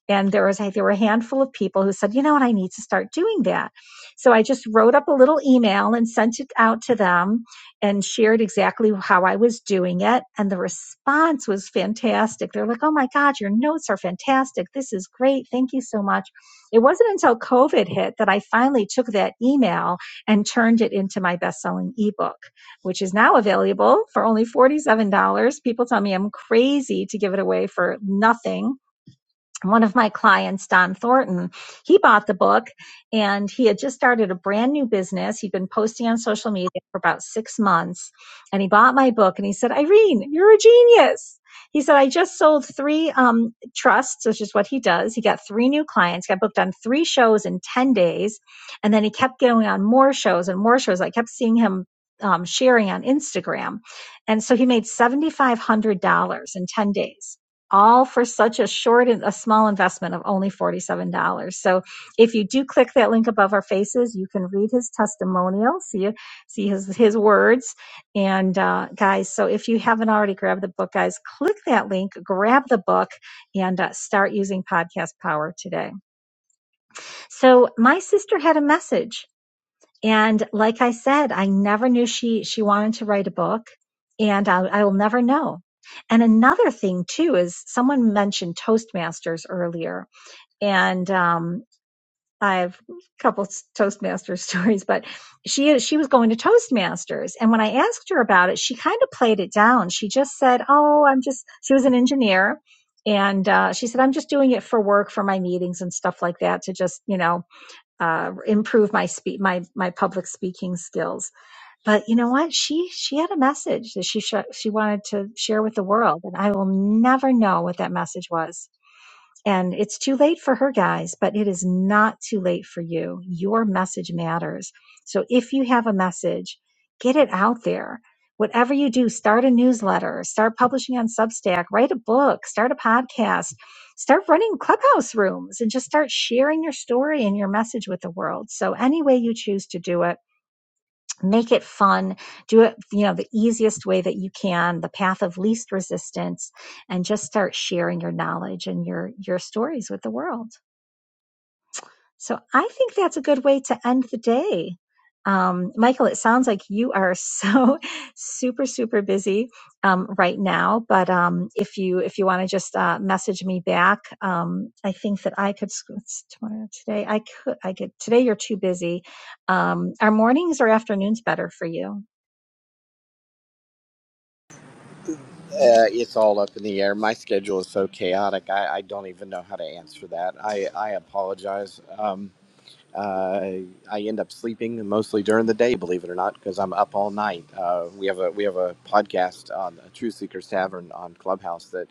And there was, I there were a handful of people who said, you know what, I need to start doing that. So I just wrote up a little email and sent it out to them and shared exactly how I was doing it. And the response was fantastic. They're like, oh my God, your notes are fantastic. This is great. Thank you so much. It wasn't until COVID hit that I finally took that email and turned it into my best selling ebook, which is now available for only $47. People tell me I'm crazy to give it away for nothing one of my clients, Don Thornton, he bought the book and he had just started a brand new business. He'd been posting on social media for about six months and he bought my book and he said, Irene, you're a genius. He said, I just sold three um, trusts, which is what he does. He got three new clients, got booked on three shows in 10 days. And then he kept going on more shows and more shows. I kept seeing him um, sharing on Instagram. And so he made $7,500 in 10 days all for such a short and a small investment of only $47. So if you do click that link above our faces, you can read his testimonial, see, see his, his words. And uh, guys, so if you haven't already grabbed the book, guys, click that link, grab the book, and uh, start using podcast power today. So my sister had a message. And like I said, I never knew she she wanted to write a book, and I, I will never know. And another thing too is someone mentioned Toastmasters earlier, and um, I have a couple s- Toastmasters stories, but she she was going to Toastmasters, and when I asked her about it, she kind of played it down. She just said, "Oh, I'm just." She was an engineer. And uh, she said, "I'm just doing it for work, for my meetings and stuff like that, to just, you know." uh, improve my speak my my public speaking skills. But you know what? She she had a message that she sh- she wanted to share with the world, and I will never know what that message was and it's too late for her guys, but it is not too late for you. Your message matters. So if you have a message, get it out there. Whatever you do, start a newsletter, start publishing on Substack, write a book, start a podcast, start running clubhouse rooms, and just start sharing your story and your message with the world. So, any way you choose to do it, make it fun do it you know the easiest way that you can the path of least resistance and just start sharing your knowledge and your your stories with the world so i think that's a good way to end the day um, michael it sounds like you are so super super busy um, right now but um, if you if you want to just uh, message me back um, i think that i could it's tomorrow today i could i could today you're too busy um, are mornings or afternoons better for you Uh, it's all up in the air. My schedule is so chaotic. I, I don't even know how to answer that. I, I apologize. Um, uh, I end up sleeping mostly during the day, believe it or not, because I'm up all night. Uh, we have a we have a podcast on a True Seekers Tavern on Clubhouse that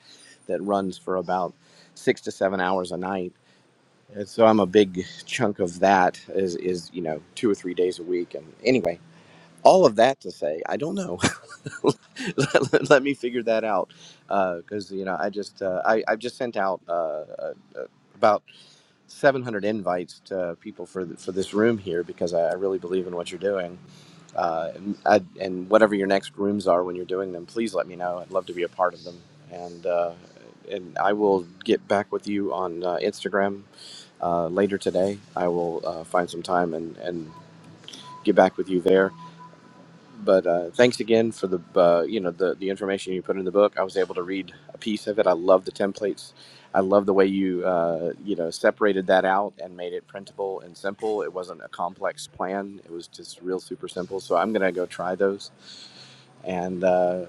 that runs for about six to seven hours a night. And so I'm a big chunk of that is is you know two or three days a week. And anyway, all of that to say, I don't know. let, let me figure that out because uh, you know I just uh, I I've just sent out uh, uh, uh, about 700 invites to people for th- for this room here because I, I really believe in what you're doing uh, and, I, and whatever your next rooms are when you're doing them please let me know I'd love to be a part of them and uh, and I will get back with you on uh, Instagram uh, later today I will uh, find some time and and get back with you there but uh, thanks again for the uh, you know the the information you put in the book. I was able to read a piece of it. I love the templates. I love the way you uh, you know separated that out and made it printable and simple. It wasn't a complex plan. It was just real super simple. So I'm gonna go try those. And uh,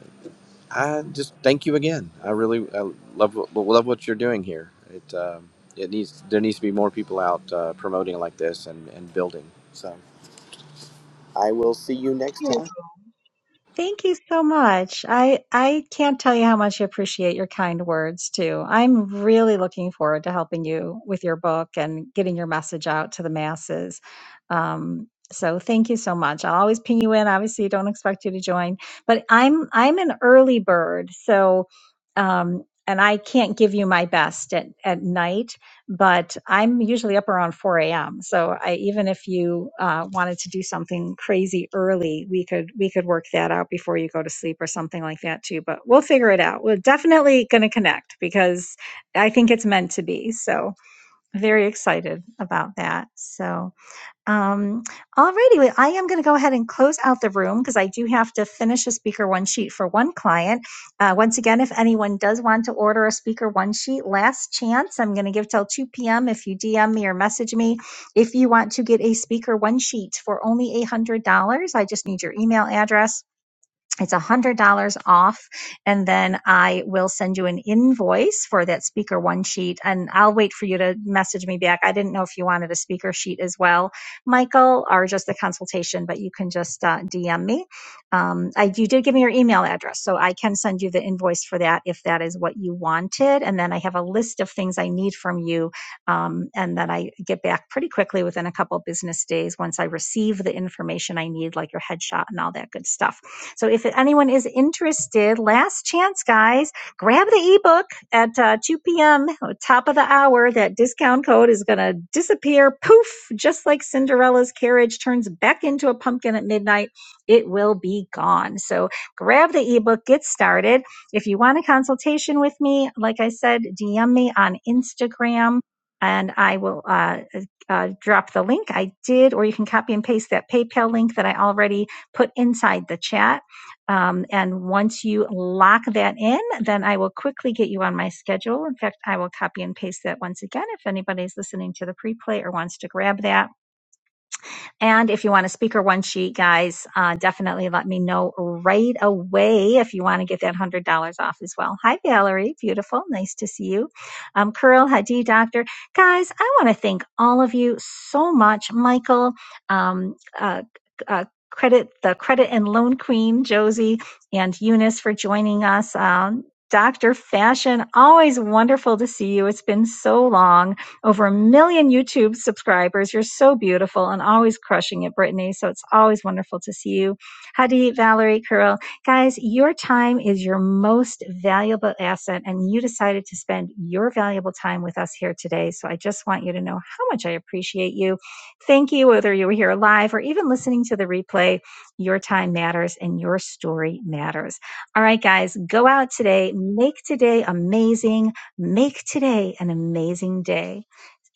I just thank you again. I really I love what- love what you're doing here. It um, it needs there needs to be more people out uh, promoting like this and, and building. So I will see you next you. time. Thank you so much. I I can't tell you how much I appreciate your kind words too. I'm really looking forward to helping you with your book and getting your message out to the masses. Um, so thank you so much. I'll always ping you in. Obviously, don't expect you to join, but I'm I'm an early bird, so um, and I can't give you my best at at night but I'm usually up around 4 a.m. So I, even if you uh, wanted to do something crazy early, we could we could work that out before you go to sleep or something like that too. But we'll figure it out. We're definitely going to connect because I think it's meant to be. So very excited about that. So. Um, alrighty, well, I am going to go ahead and close out the room because I do have to finish a speaker one sheet for one client. Uh, once again, if anyone does want to order a speaker one sheet, last chance, I'm going to give till 2 p.m. If you DM me or message me, if you want to get a speaker one sheet for only $800, I just need your email address it's $100 off and then i will send you an invoice for that speaker one sheet and i'll wait for you to message me back i didn't know if you wanted a speaker sheet as well michael or just a consultation but you can just uh, dm me um, I, you did give me your email address so i can send you the invoice for that if that is what you wanted and then i have a list of things i need from you um, and that I get back pretty quickly within a couple of business days once I receive the information I need, like your headshot and all that good stuff. So if anyone is interested, last chance, guys, grab the ebook at uh, 2 p.m. top of the hour. That discount code is going to disappear, poof, just like Cinderella's carriage turns back into a pumpkin at midnight. It will be gone. So grab the ebook, get started. If you want a consultation with me, like I said, DM me on Instagram and I will uh, uh, drop the link I did, or you can copy and paste that PayPal link that I already put inside the chat. Um, and once you lock that in, then I will quickly get you on my schedule. In fact, I will copy and paste that once again if anybody's listening to the pre or wants to grab that and if you want a speaker one sheet, guys, uh, definitely let me know right away if you want to get that $100 off as well. Hi, Valerie. Beautiful. Nice to see you. Um, Curl, Hadi, Doctor. Guys, I want to thank all of you so much. Michael, um, uh, uh, credit the credit and loan queen josie and eunice for joining us um, dr fashion always wonderful to see you it's been so long over a million YouTube subscribers. You're so beautiful and always crushing it, Brittany. So it's always wonderful to see you. Hadi, Valerie, Carol, Guys, your time is your most valuable asset, and you decided to spend your valuable time with us here today. So I just want you to know how much I appreciate you. Thank you, whether you were here live or even listening to the replay. Your time matters and your story matters. All right, guys, go out today. Make today amazing. Make today an amazing day.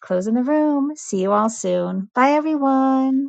Closing the room. See you all soon. Bye, everyone.